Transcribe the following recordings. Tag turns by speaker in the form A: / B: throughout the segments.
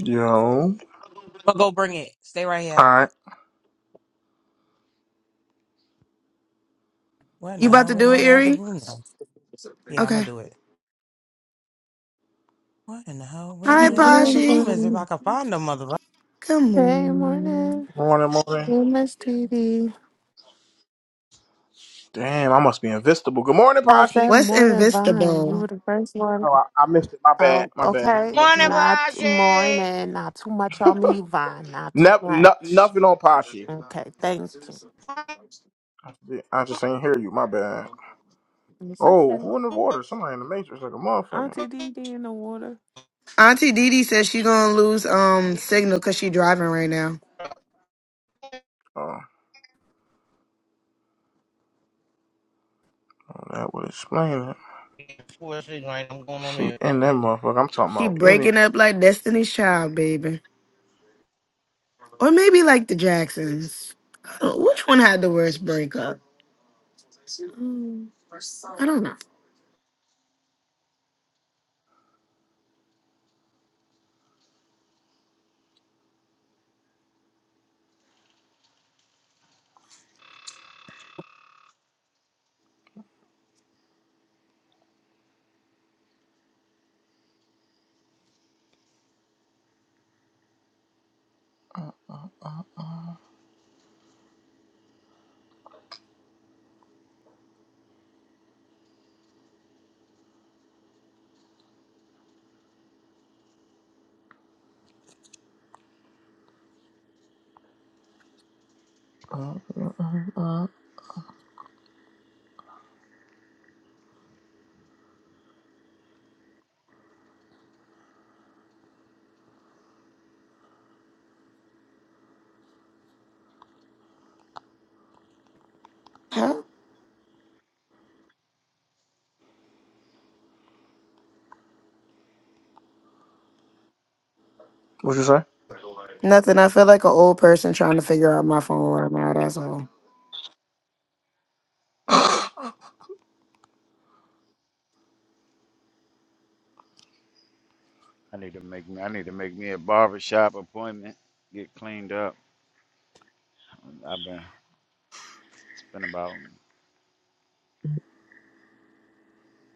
A: Yo.
B: I'm gonna go bring it. Stay right
A: All
B: here.
A: right.
B: What in
C: You
B: the
C: about
B: hell?
C: to
B: Where the
C: do it,
B: hell the other
C: Erie?
B: room now? Yeah, I'm gonna
C: Okay.
B: do it. What in the hell? Where
C: Hi,
B: the damn
D: Morning,
B: other room
C: Pashi.
B: is? If I
D: Vaughn.
B: can find the mother
C: Come
D: Hey,
C: on.
D: morning.
A: Morning, morning.
D: Hey, miss T D.
A: Damn, I must be invisible. Good morning,
D: I
A: Pashi.
D: said
C: What's
D: morning, Vaughn. You were
C: invisible?
D: the first one.
A: Oh, I, I missed it. My bad.
D: Oh,
A: My bad. I don't
D: okay.
A: want no
E: Morning,
A: smoke.
D: Not
E: Paji.
D: morning. Not too much on me, Vaughn. Not too
A: Never, no,
D: much.
A: nothing on Pashi.
D: Okay, thank you.
A: I just I just ain't hear you. My bad.
D: It's
A: Oh,
D: okay.
A: who in the water? Somebody in the matrix like a motherfucker.
D: Auntie D D in the water.
C: Auntie Didi says she gonna lose um signal cause she driving right now.
A: Oh, well, that would explain it.
E: Boy, it's sitting right. I'm going on
A: She
E: mute.
A: in that motherfucker. I'm talking
C: She
A: about in it.
C: breaking up like Destiny's Child, baby, or maybe like the Jacksons. I don't- Which one had the worst breakup? Mm, I don't know.
A: Uh, uh, uh, uh.
C: Huh?
A: What you say?
C: Nothing. I feel like an old person trying to figure out my phone right now. That's all.
F: I need to make me. I need to make me a barbershop appointment. Get cleaned up. I've been spent about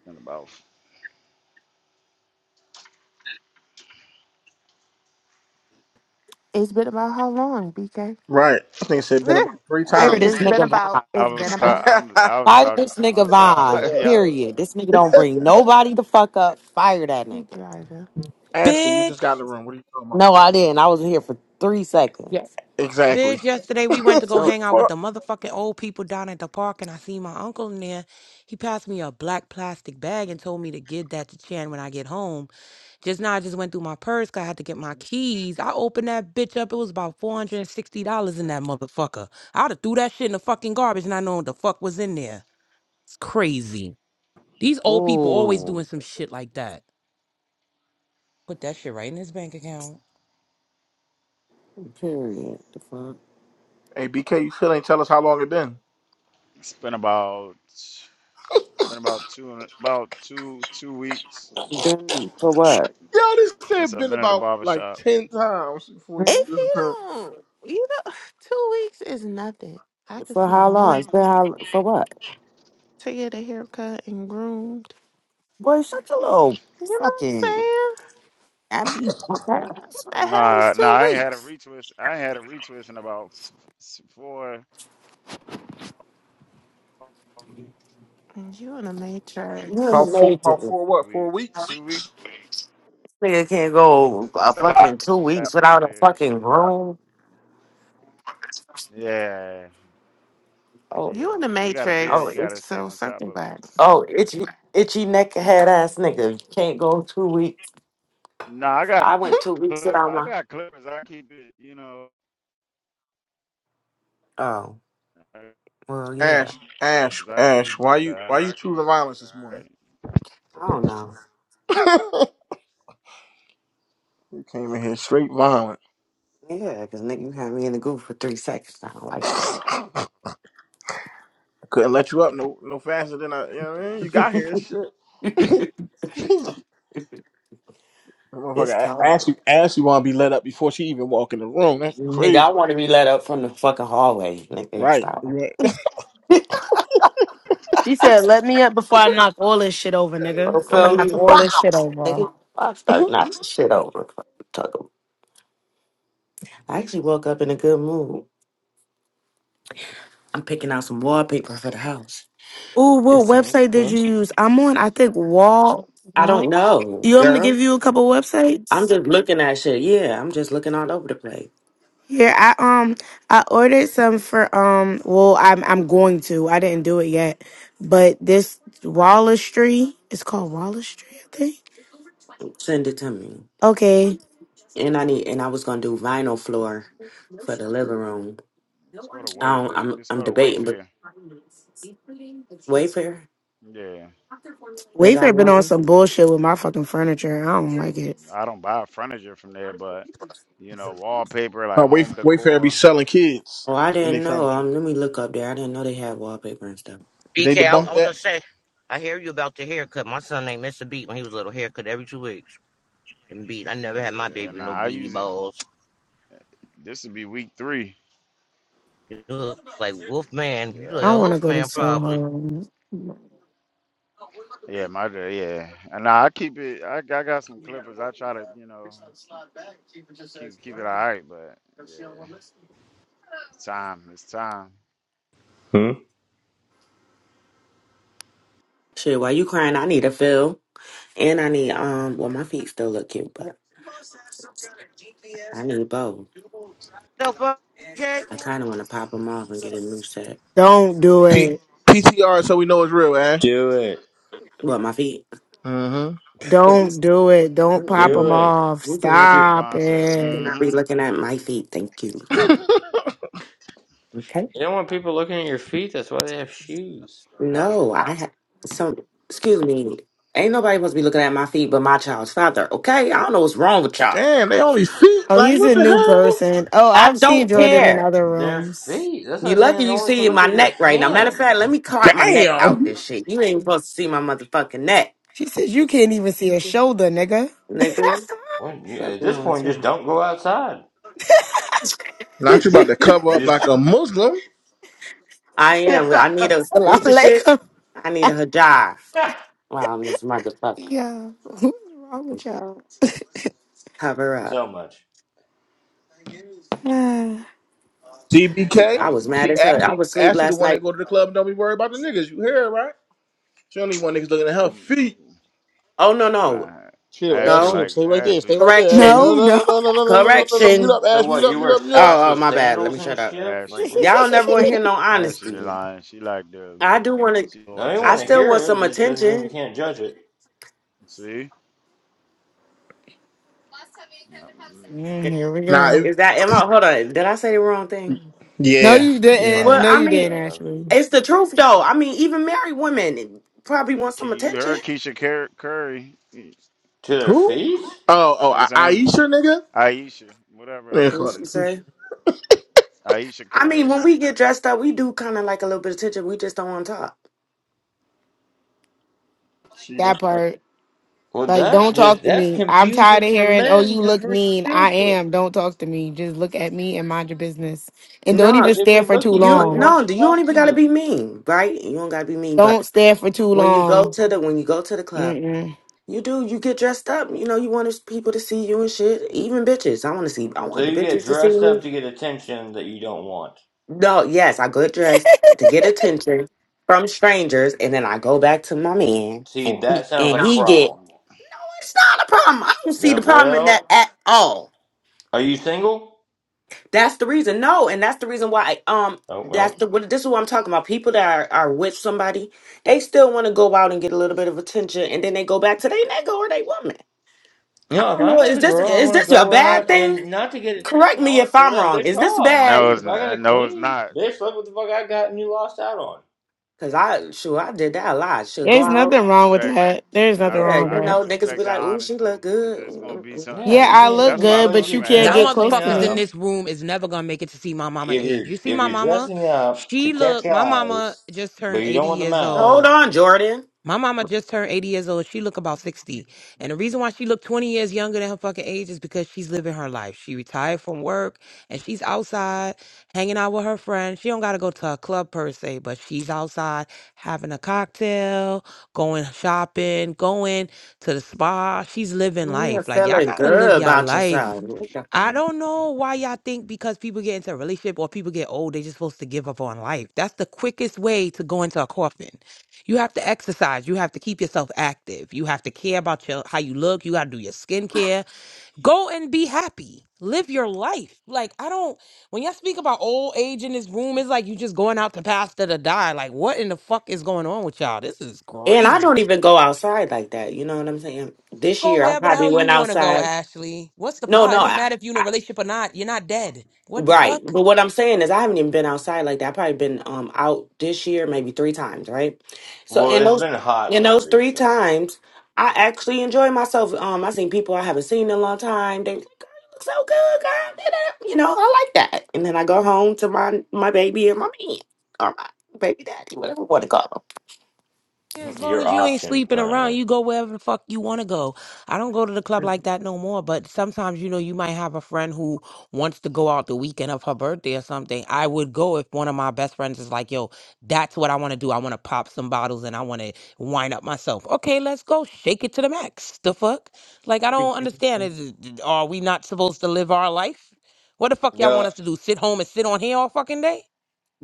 F: been about.
D: It's been about how long, BK?
A: right. I think it said been about three
F: I
G: Fire
A: times. And
G: this
F: spent.
D: it's been
G: nigga
A: he
G: Vine.
D: about.
F: I, I
D: It's
F: was.
D: been
F: ta-
D: about.
F: I'm.
A: said,
F: I was
G: Fire
F: talking
G: this
F: to
G: nigga
F: myself.
G: Vine.
F: Y'all
G: Period. This nigga don't bring nobody the fuck up. Fire that
D: He
G: nigga.
D: driving.
A: Ashley, you just got in the
B: bitch.
A: room. What are you talking about?
G: No, I didn't. I was here for three
B: Yeah.
G: seconds.
A: Exactly.
B: Bitch, yesterday we went to go
G: So,
B: hang out with the motherfucking old people down at the park, and I seen my uncle in there. He passed me a black plastic bag and told me to give that to Chan when I get home. Just now, I just went through my purse 'cause I had to get my keys. I opened that bitch up. It was about four hundred and sixty dollars in that motherfucker. I'd have threw that shit in the fucking garbage, and I know what the fuck was in there. It's crazy. These old people always doing
G: ooh,
B: some shit like that. Put that shit right in his bank account.
G: period. The fuck?
A: Hey, BK, you still ain't tell us how long it been.
F: spent about. Spent about two. and- About two. Two weeks
G: Been for what?
A: Yeah, this
F: since
A: shit
F: I've
A: been
F: been at the
A: about like
F: barbershop.
A: ten times before you
G: Huh?
D: If
A: give
D: he
A: it to it.
D: don't, you know, two weeks is nothing. I could
G: For
D: see a
G: how long?
D: month.
G: It's been how for what?
D: to get a haircut and groomed.
G: Boy, shut your little
D: You know what I'm
G: fucking.
D: saying?
G: I be
D: What the hell is
F: Nah, nah.
D: two
F: I ain't had a
D: weeks?
F: retwist. I ain't had a retwist in about s- four
D: And You in the
G: you're an the
A: about
D: matrix.
A: four, about four what? Four
F: weeks.
A: weeks.
F: Two weeks
G: Nigga can't go a
F: is a lot.
G: fucking two
F: when You have
G: weeks
F: facial
G: without a
F: hair and
G: fucking
F: shit.
G: room.
F: Yeah.
G: Oh,
F: Yeah,
D: You in the
F: when you got a beard, you
D: matrix.
G: oh!
F: gotta stay
D: So
F: on top
D: circle
F: of it.
D: back.
G: Oh, itchy, itchy neck head ass nigga. You can't go two weeks.
F: No, I got
G: I went two weeks
F: clip,
G: without
F: I
G: my.
F: got clippers. I keep it, you know,
G: Oh,
F: I
G: well, yeah.
A: Ash, Ash,
F: I
A: Ash,
F: keep
A: why
F: it.
A: you why
F: I,
A: you choosing violence this morning?
F: let's
G: I don't know.
A: you came in here straight violent.
G: Yeah, because nigga, you had me in the goo for three seconds. I don't like
A: Couldn't let you up no no faster than I. You know what I mean? You got here, shit.
G: that.
A: That
G: it's
A: Motherfucker, A- Ash,
G: cold.
A: you Ash, you want to be let up before she even walk in the room? That's
G: Nigga, I
A: crazy,
G: want to be let up from the fucking hallway. Nigga,
A: right?
G: stop.
A: You right.
C: She said, "Let me up before I knock all this shit over,
A: Hey,
C: nigga.
G: You
C: I'ma
G: feel
A: yo.
G: me?
C: knock all
G: Bow!
C: this shit over."
G: Nigga, I start knocking shit over. Fuck 'em. I actually woke up in a good mood. I'm picking out some wallpaper for the house
C: Oh,
G: and
C: what
G: some.
A: okay,
C: website did
A: okay.
C: you use? I'm on, I think Wall.
G: I
C: Wall.
G: don't know,
C: You want me to
G: girl.
C: give you a couple
G: I'm
C: websites?
G: just looking at shit. Yeah, I'm just looking all over the place.
C: Here, I um, I ordered some for um. Well, I'm I'm going to. I didn't do it yet, but this Wallistry. It's called Wallistry, I think.
G: Send it to me.
C: Okay,
G: And I need and I was gonna do vinyl floor for the living room.
F: go to
G: I
F: Way,
G: don't, I'm
F: let's
G: I'm
F: go to
G: debating, but
F: Wayfair.
G: Wayfair
F: Yeah,
G: they got
C: Wayfair been on
G: wallpaper.
C: some bullshit with my fucking furniture. I don't like it.
F: I don't buy furniture from there, but you know, wallpaper
A: Uh,
F: like home
A: Wayf- Wayfair be
F: decor.
A: selling kids
G: Oh, I
A: in their
G: didn't know.
A: furniture.
G: Um, let me look up there. I didn't know they had wallpaper and stuff.
A: Did they
E: BK, I,
A: debunk
F: Yeah,
E: I was
A: that?
E: gonna say, I hear you about the haircut. My son named Mr. Beat when he was little. Haircut every two weeks. And beat. I never had my
F: yeah.
E: baby
F: Nah,
E: with no
F: I
E: beady
F: use it.
E: balls.
F: This would be week three.
E: You look like Wolfman. You
F: Yeah, I
C: I
E: look like a
C: don't
F: got.
C: want to go to
E: Wolfman, probably.
C: Soho.
F: Yeah, my dad, yeah. And nah, I keep it. I, I got some clippers. I try to, you know, keep keep keep it all right, but yeah. It's time. It's time.
H: Hmm?
G: Shit, while you crying, I need a fill, and I need um. Well, my feet still look cute, but I need both.
E: No, BK.
G: I kind of want to pop them off and get a new set.
C: Don't do
A: P-
C: it.
A: PTR so we know it's real, Ash.
H: Do it.
G: What my feet?
A: Mm-hmm.
C: Don't do it. Don't pop
H: Do
C: them
G: Mm-mm.
H: it.
C: off.
G: We
F: That
G: cannot be.
F: nigga
C: Stop
F: Vaughn said,
G: We
C: it.
G: cannot
F: mm-hmm.
G: be looking at my feet. Thank you. Okay?
H: You don't want
F: I,
H: people looking at your feet. That's why they have shoes.
F: I was,
G: No, I have some. Excuse me. Ain't nobody supposed to be looking at my feet but my child's father. Okay, I don't know what's wrong with y'all.
A: Damn, they only feet?
C: Oh,
A: Like,
C: he's
A: what
C: a new
A: the
C: person. Oh,
G: I
C: I've seen
G: don't
C: Jordan in
G: care.
C: other
H: Their
C: rooms.
H: feet. That's what
G: You
H: I'm
G: lucky
H: saying. No
G: you
H: one can
G: see
H: look
G: my
H: at your
G: neck right now. Matter of fact, let
H: hands.
G: me
A: hell?
G: crop my neck out this
A: Damn.
G: shit. You ain't supposed to see my motherfucking neck,
C: She says you can't even see a shoulder, nigga.
G: nigga.
H: When you,
G: Fuck
H: at this
G: wrong with
H: point, just
G: y'all.
H: don't go outside.
A: Not you about to
F: I
A: cover up
H: You
F: was,
A: like
H: Just
A: a Muslim.
G: I am. I need a what's
C: Salam
G: the shit?
C: alaikum.
G: I need a hijab. Wow, this motherfucker.
C: Yeah, who's wrong with y'all?
G: Cover up.
H: so much.
C: Ah.
A: CBK.
F: I
G: I
F: was.
G: was mad
A: See,
G: as hell. I
A: Ashley,
G: was asleep
A: Ashley the
G: last
A: one that
G: night.
A: go to the club and don't be worried about the niggas. You hear it, right? She only one niggas looking at her
F: Mm.
A: feet.
G: Oh no
F: She
G: no
F: lied.
A: Chill,
F: Ashley
A: Ash. Chill.
G: no.
F: like
A: Stay right there. Stay
F: Ashley,
A: right there, Ash.
G: Correction.
C: no,
A: No, no,
C: no.
A: no, no, no, no, no, no, no, no. no. Mute
G: Correction.
A: up,
H: So
A: Ash. Mute
H: what?
A: up,
H: You
A: mute
H: wear
A: up, mute up.
H: socks
G: Oh, oh,
H: with
G: my bad. Let me
H: sandals and
G: shut up.
H: shit? Like
F: Ashley,
H: what?
G: Y'all never want to hear no
F: Ashley
G: honesty.
F: lying. She like the,
G: I do want to.
F: she all
H: No, you
G: I
H: want to
F: attention.
G: still
H: hear
G: want
H: it.
G: some
H: It just doesn't mean we
G: attention.
H: can't judge it.
F: See?
C: Mm, here we
A: Nah,
C: go.
A: it,
G: Is that? Am I? Hold on. Did I say the wrong thing?
C: No,
A: yeah,
C: you
A: yeah.
C: didn't.
G: Well,
C: No,
G: I
C: you
H: Probably.
F: Yeah.
G: mean,
C: didn't.
H: Uh,
C: Actually,
G: it's the truth though. I mean, even married women probably want some
F: You
G: attention.
F: heard Keisha Cur- Curry. It
H: to their
A: Who?
H: feet.
A: Oh, oh,
F: was
A: A-
F: her name,
A: Aisha, nigga?
F: Aisha, whatever her
A: They
F: name
G: What
A: call her
G: she
F: is.
A: Keisha.
G: say?
F: Aisha
G: I mean,
F: Curry.
G: when we get dressed up, we do kind of like a little bit of attention. We just don't want to talk.
A: She
C: that
A: that's crazy.
C: part.
H: Well,
C: Like,
H: that
C: don't
H: just
C: talk to
H: that's
C: me. I'm tired
H: confusing
C: of
H: for
C: hearing. Oh,
H: men
C: you
H: because
C: look
H: we're
C: mean. I
H: stupid.
C: am. Don't talk to me. Just look at me and mind your business. And don't
H: But
C: even
G: No,
H: if
C: stare
H: we
C: for
H: look at
C: too
H: you,
G: you
H: we
C: long.
H: want
G: no. You
H: to
G: don't
H: talk
G: even
H: to you.
G: gotta be mean, right? You don't gotta be mean. But
C: Don't stare for too
G: when you go
C: long.
G: to the when you go to the club.
C: Mm-mm.
G: You do. You get dressed up. You know, you want people to see you and shit. Even bitches. I want to see. I
H: So
G: want the
H: you get
G: bitches to see
H: dressed up
G: me.
H: to get attention that you don't want.
G: No, yes, I get dressed to get attention from strangers, and then I go back to my man,
H: See,
G: and
H: that sounds
G: and
H: like a
G: he get.
H: problem.
F: Yeah.
G: No, it's not a problem. I don't see
H: Yeah,
G: the problem in that
H: well,
G: at all.
H: are you single?
G: That's the reason. No, and that's the reason why. Um,
H: Oh,
G: that's
H: well.
G: the. what- This is what I'm talking about. People that are, are with somebody, they still want to go out and get a little bit of attention, and then they go back to their nigga or they woman.
H: You
G: I
H: know, if
G: don't
H: I'm
G: know.
H: with
G: Is
H: a
G: this
H: girl, I
G: is
H: want to
G: this a
H: go
G: bad
H: out and
G: thing?
H: not to get
G: Correct
H: attention. I
G: me
H: want
G: if
H: to show
G: I'm
H: that
G: wrong.
H: bitch
G: Is this
H: off.
F: No,
G: bad?
H: Shit,
F: it's
H: if
F: n-
H: I got
F: uh,
H: a
F: no, it's
H: queen,
F: not.
H: bitch, look what the fuck I got and you lost out on.
G: Cause I sure I did that a lot. Should go
C: There's
F: I
G: out.
F: can
C: nothing wrong with
F: respect.
C: that. There's
F: I
C: nothing
G: Yeah,
F: can-
C: wrong with
F: I
G: you
F: can
G: know,
C: that.
G: niggas
F: respect
G: be
F: the
G: like, "Ooh, she look
F: honesty because
G: good."
F: it's gonna be
G: Mm-mm-mm.
F: some.
H: Yeah,
C: Yeah,
H: you
C: I look
F: That's
H: can't.
F: why I
C: good,
H: But if
C: but
F: fuck
H: you're
C: you
F: with
C: can't
B: Y'all
C: get
F: Ashley.
C: close
H: dressing
C: to
B: motherfuckers in
C: me.
H: up,
B: this room is never gonna make it to see my mama
H: if
B: age.
H: you're
B: You see
H: if
B: my
H: you're
B: mama?
H: dressing up to
B: She
H: catch
B: look, my mama
H: eyes,
B: just
H: but
B: turned
H: you
B: 80
H: don't want the
B: years
H: mouth.
B: old.
G: Hold on, Jordan.
B: My mama just turned 80 years old. She look about 60. And the reason why she look 20 years younger than her fucking age is because she's living her life. She retired from work and she's outside hanging out with her friends. She don't got to go to a club per se, but she's outside having a cocktail, going shopping, going to the spa. She's living
G: You're
B: life. Like y'all
G: feeling
B: got to
G: good
B: live y'all
G: about
B: life.
G: yourself. What the fuck?
B: I don't know why y'all think because people get into a relationship or people get old, they just supposed to give up on life. That's the quickest way to go into a coffin. You have to exercise. You have to keep yourself active. You have to care about your how you look. You got to do your skincare. Go and be happy. Live your life. Like I don't. When y'all speak about old age in this room, it's like you just going out to pasture to die. Like what in the fuck is going on with y'all? This is
G: And I don't
B: crazy.
G: even go outside like that. You know what I'm saying? This
B: Go
G: year, I
B: wherever the
G: probably
B: hell you
G: went
B: want to go,
G: outside.
B: Ashley. What's the
G: No,
B: problem?
G: no.
B: It don't matter if
G: I.
B: you're in a relationship or not. You're not dead. What the
G: Right.
B: fuck?
G: But what I'm saying is I haven't even been outside like that. I've probably been um out this year maybe three times, right? So
H: Well,
G: in
H: it's
G: those
H: been hot
G: in those
H: lately,
G: three
H: so
G: times, I actually enjoy myself. Um I seen people I haven't seen in a long time. They was like, "Girl, you look so good, girl. da-da." You know, I like that. And then I go home to my my baby and my man or my baby daddy, whatever you want to call
B: Yeah, as long
H: your
B: as you ain't
H: option
B: sleeping around,
H: currently.
B: you go wherever the fuck you want to go. I don't go to the club
G: them.
B: like that no more, but sometimes, you know, you might have a friend who wants to go out the weekend of her birthday or something. I would go if one of my best friends is like, yo, that's what I want to do. I want to pop some bottles and I want to wind up myself. Okay, let's go. Shake it to the max. The fuck? Like, I don't understand. Is it- Are we not supposed to live our life? What the fuck y'all
H: No.
B: want us to do? Sit home and sit on here all fucking day?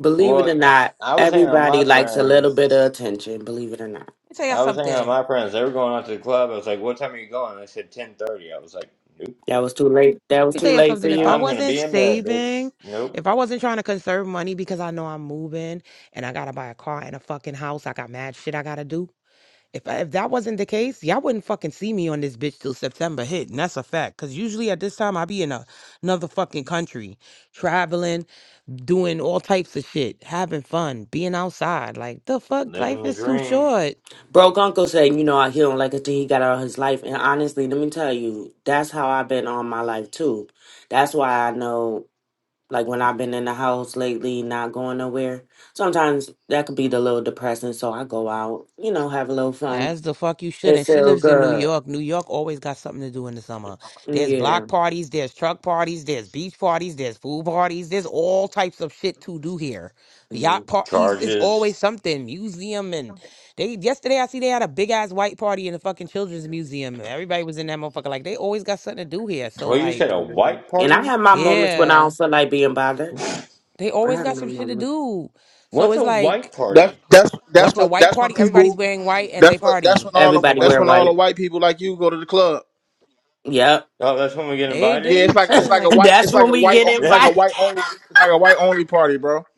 G: Believe it or
H: Well,
G: not,
H: I was hanging out with
G: everybody
H: my
G: likes a little
H: friends.
G: bit of attention, believe it or not.
B: Let me tell y'all
H: I was hanging out
B: something.
H: with my friends. They were going out to the club. I was like, "What time are you going?" They said ten thirty. I was like, "Nope,
G: That was too late. That was
B: Let me
G: too
B: tell you
G: late for
B: something. If I
G: you.
H: I'm gonna
B: wasn't
H: be in bed, bitch."
B: saving,
H: Nope,
B: if I wasn't trying to conserve money because I know I'm moving and I gotta buy a car and a fucking house, I got mad shit I gotta do. If I, if that wasn't the case, y'all wouldn't fucking see me on this bitch till September hit, and that's a fact. Cause usually at this time I be in a, another fucking country, traveling, doing all types of shit, having fun, being outside. Like the fuck, life
H: living the
B: is too
H: dream.
B: short.
G: Broke uncle said, you know, I- he don't like it till he got out of his life. And honestly, let me tell you, that's how I've been all my life too. That's why I know, like when I've been in the house lately, not going nowhere. Sometimes that could be the little depressing. So I go out, you know, have a little fun.
B: As the fuck you should.
G: It's
B: And she
G: so
B: lives in New
G: good.
B: York. New York always got something to do in the summer. There's
G: Yeah.
B: block parties, there's truck parties, there's beach parties, there's food parties, there's all types of shit to do here.
G: Mm,
B: Yacht parties, it's
H: Charges.
B: always something. Museum and they yesterday I see they had a big ass white party in the fucking children's museum. Everybody was in that motherfucker. Like they always got something to do here. So
H: Well, you said
B: like,
H: a
G: Mhm.
H: white
G: And I
H: party.
G: have my moments when I don't
B: yeah.
G: feel like being bothered.
B: They
G: I
B: always
G: have
B: got
G: my
B: some shit to
G: moments.
B: do. So
H: What's
B: it's
H: a white
B: like,
A: That's
H: party?
A: that's that's
B: what's a
A: when
B: white
A: that's when
B: party? Everybody's
A: people
B: wearing white and they
A: that's what that's when
B: party.
A: all
B: That's
A: the,
B: the
G: Everybody
A: that's
B: white
G: wear
A: when all the
B: party.
G: white.
A: white people like you go to the club.
G: Yep.
H: Oh, that's when we get
B: Hey, they
A: Yeah,
H: invited.
B: be
A: it's like it's
B: chilling.
A: like a
B: Like,
A: white
G: that's
A: it's like
G: when
A: a
G: we
A: white
G: get
A: o- it's like
H: Yep.
A: a
G: invited.
A: white only it's like a white only party, bro.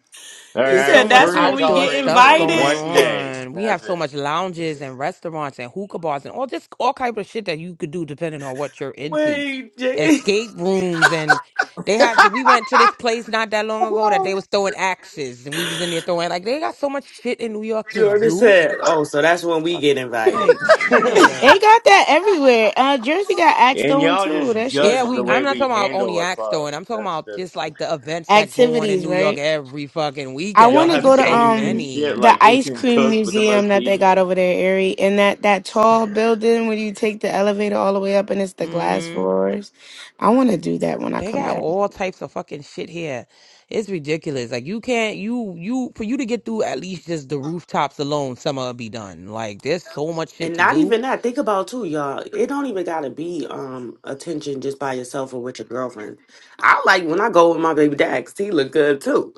H: All
G: He
B: there's
H: right,
B: so
G: said,
B: much
G: "That's
H: we're gonna
G: when we
B: outdoor
G: get
H: tolerate you
B: stuff
H: for
B: going
G: invited."
H: one day.
B: on. We
H: That's
B: have so much lounges and restaurants and hookah bars and all this all type of shit that you could do depending on what you're into.
G: Wait, Jay.
B: Escape rooms and they have. The, we went to this place not that long ago that they was throwing axes and we was in there throwing. Like, they got so much shit in New York to
G: Jordan
B: do.
G: said, "Oh, so that's when we
B: Fuck,
G: get invited."
B: like
H: it.
B: nigga.
C: They got that everywhere. Uh, Jersey got Axe
H: and
C: Throwing
H: y'all
C: too.
H: just
C: That shit
B: Yeah,
H: judge the
B: we.
C: fun.
B: I'm
H: way
B: not
H: we
B: talking about
H: handle
B: only
H: a
B: axe
H: club.
B: throwing. I'm talking
H: That's
B: about just
H: that's.
B: like the events that go on in
C: Activities,
B: New York
C: right?
B: every fucking
C: I
B: weekend.
H: Y'all
C: want
B: Like,
C: to
B: it's
H: have
C: go
B: just
C: to
B: so
H: games and
C: um
H: shit
B: many.
C: the
H: like who
C: ice
H: can
C: cream
H: cook with the
C: museum
H: most
C: that they got
H: seasoning.
C: over there, Erie, and that that tall building where you take the elevator all the way up and it's the glass
B: hmm
C: floors. I want to do that when I
B: They
C: come
B: got
C: back.
B: all types of fucking shit here. It's ridiculous. Like you can't you you for you to get through at least just the rooftops alone, summer'll be done. Like there's so much shit
G: And
B: to
G: not
B: do.
G: even that. Think about too, y'all. It don't even gotta be um attention just by yourself or with your girlfriend. I like when I go with my baby Dax. he look good too.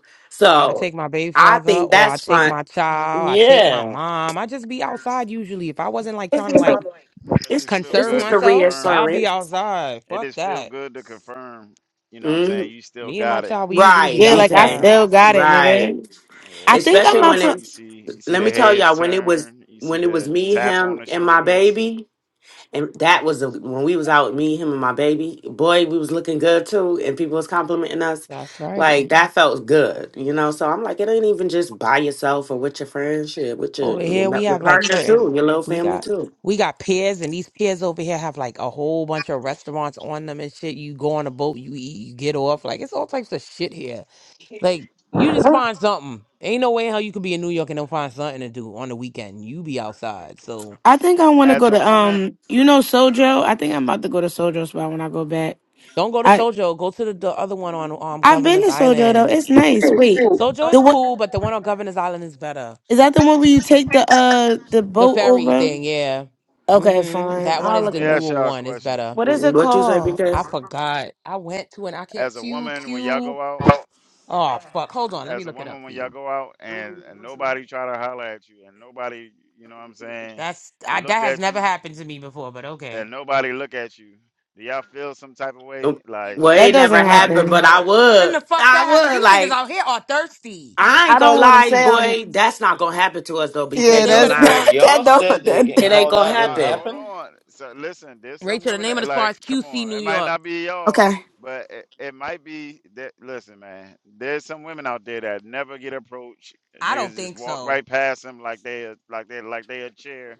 B: I
G: So
B: take my baby
G: I
B: father
G: think
B: or I
G: that's
B: take
G: fun.
B: my child, I take my
G: Yeah,
B: mom. I just be outside usually. If I wasn't like
G: it's
B: trying to
G: just
B: like
F: It
G: it's
F: just feel
G: it's
B: conserve
F: good
G: just
F: to
G: the
B: myself,
F: confirm.
B: I'd be
G: reassurance,
B: outside.
F: It
B: Fuck
F: just feel
B: that.
F: good to confirm. You know what I'm saying?
G: Mhm.
F: You still
B: Me and my
F: got it.
B: child, we usually
F: And
G: right?
B: be
F: You
C: Yeah,
F: uh,
C: like I
F: you know
G: BK,
B: outside.
F: what I'm
C: still got
F: saying?
C: it,
G: right?
C: nigga.
F: Yeah,
C: I
F: you
C: think
F: go
C: I'm
G: Especially
C: about
G: when
F: out,
C: to.
F: you
G: it.
F: see you see
G: Let
F: the
G: me tell
F: heads
G: y'all when it was
F: turn, you see
G: when it was
F: the
G: me,
F: tap on
G: him,
F: the
G: and my
F: shoulders.
G: baby. and that was the when we was out me him and my baby boy we was looking good too and people was complimenting us
B: That's right.
G: like that felt good you know so i'm like it ain't even just by yourself or with your friends shit with your
B: Over
G: your,
B: here, we
G: ma- your
B: have like
G: partner too
B: certain
G: your little
B: we
G: family
B: got
G: too
B: we got piers, and these piers over here have like a whole bunch of restaurants on them and shit. You go on a boat, you eat, you get off. Like it's all types of shit here. Like you just find something. Ain't no way how you could be in New York and don't find something to do on the weekend. You be outside, so
C: I think I want to
F: As
C: go
F: a
C: to
F: woman,
C: um. You know Sojo. I think I'm about to go to Sojo spot when I go back.
B: don't go to
C: I
B: Sojo. Go to the, the other one on um
C: I've been to
B: Governor's
C: Sojo though.
B: Island.
C: It's nice. Wait,
B: Sojo
C: the
B: is
C: what
B: cool, but the one on Governor's Island is better.
C: is that the one where you take the uh the
B: The
C: boat
B: ferry
C: over?
B: thing, yeah.
C: Okay,
B: Mm-hmm.
C: fine.
B: That one
F: yeah,
C: I'll
B: is
F: let
C: look
B: the
F: me
C: it up.
F: ask
B: newer
F: y'all a
B: one. It's
F: question.
B: better.
C: What is it
G: what you say
C: called?
G: because
B: I forgot. I went to an I can't
F: As a
B: Q
F: woman, when y'all
B: Q.
F: go out,
B: Oh fuck. Hold on. Let me
F: as a
B: look it up
F: woman
B: for
F: when y'all
B: you.
F: go out and, and nobody try to holler at you and nobody, you know what I'm saying,
B: That's I,
F: looked
B: that has
F: at
B: never
F: you
B: happened to me before, but
F: and
B: okay.
F: nobody look at you, do y'all feel some type of way? Like,
G: well
C: That
G: it
F: damn,
G: never
C: doesn't
F: nobody
G: happened but
F: try
C: happen.
G: i
F: to
B: When the
G: would
B: fuck
G: i
B: that happened?
G: would
B: These niggas
G: like
B: out here are thirsty.
G: i ain't
C: I
G: gonna
C: don't want to
G: lie
C: say I'm.
G: boy that's not gonna happen to us though
B: The
C: Yeah,
G: bk
B: name
G: no
B: of
C: that's
B: the
H: Wait,
G: lie
B: spa?
C: that
H: y'all
C: don't.
H: said that getting
C: That,
G: it
F: I
G: ain't
H: called
G: gonna
F: know
H: out doesn't
F: I, I
G: happen
F: hold
H: happen?
F: on. So listen, there's some
B: Rachel, the
F: women
B: name of
F: that
B: the spa
F: like,
B: is
F: come
B: QC
F: on, it
B: New
F: might
B: York.
F: not be y'all,
C: okay.
F: but it, it might be that listen, man, there's some women out there that never get approached.
B: I don't
F: Niggas just
B: think
F: walk
B: so.
F: right past them like they a- like they like they a chair.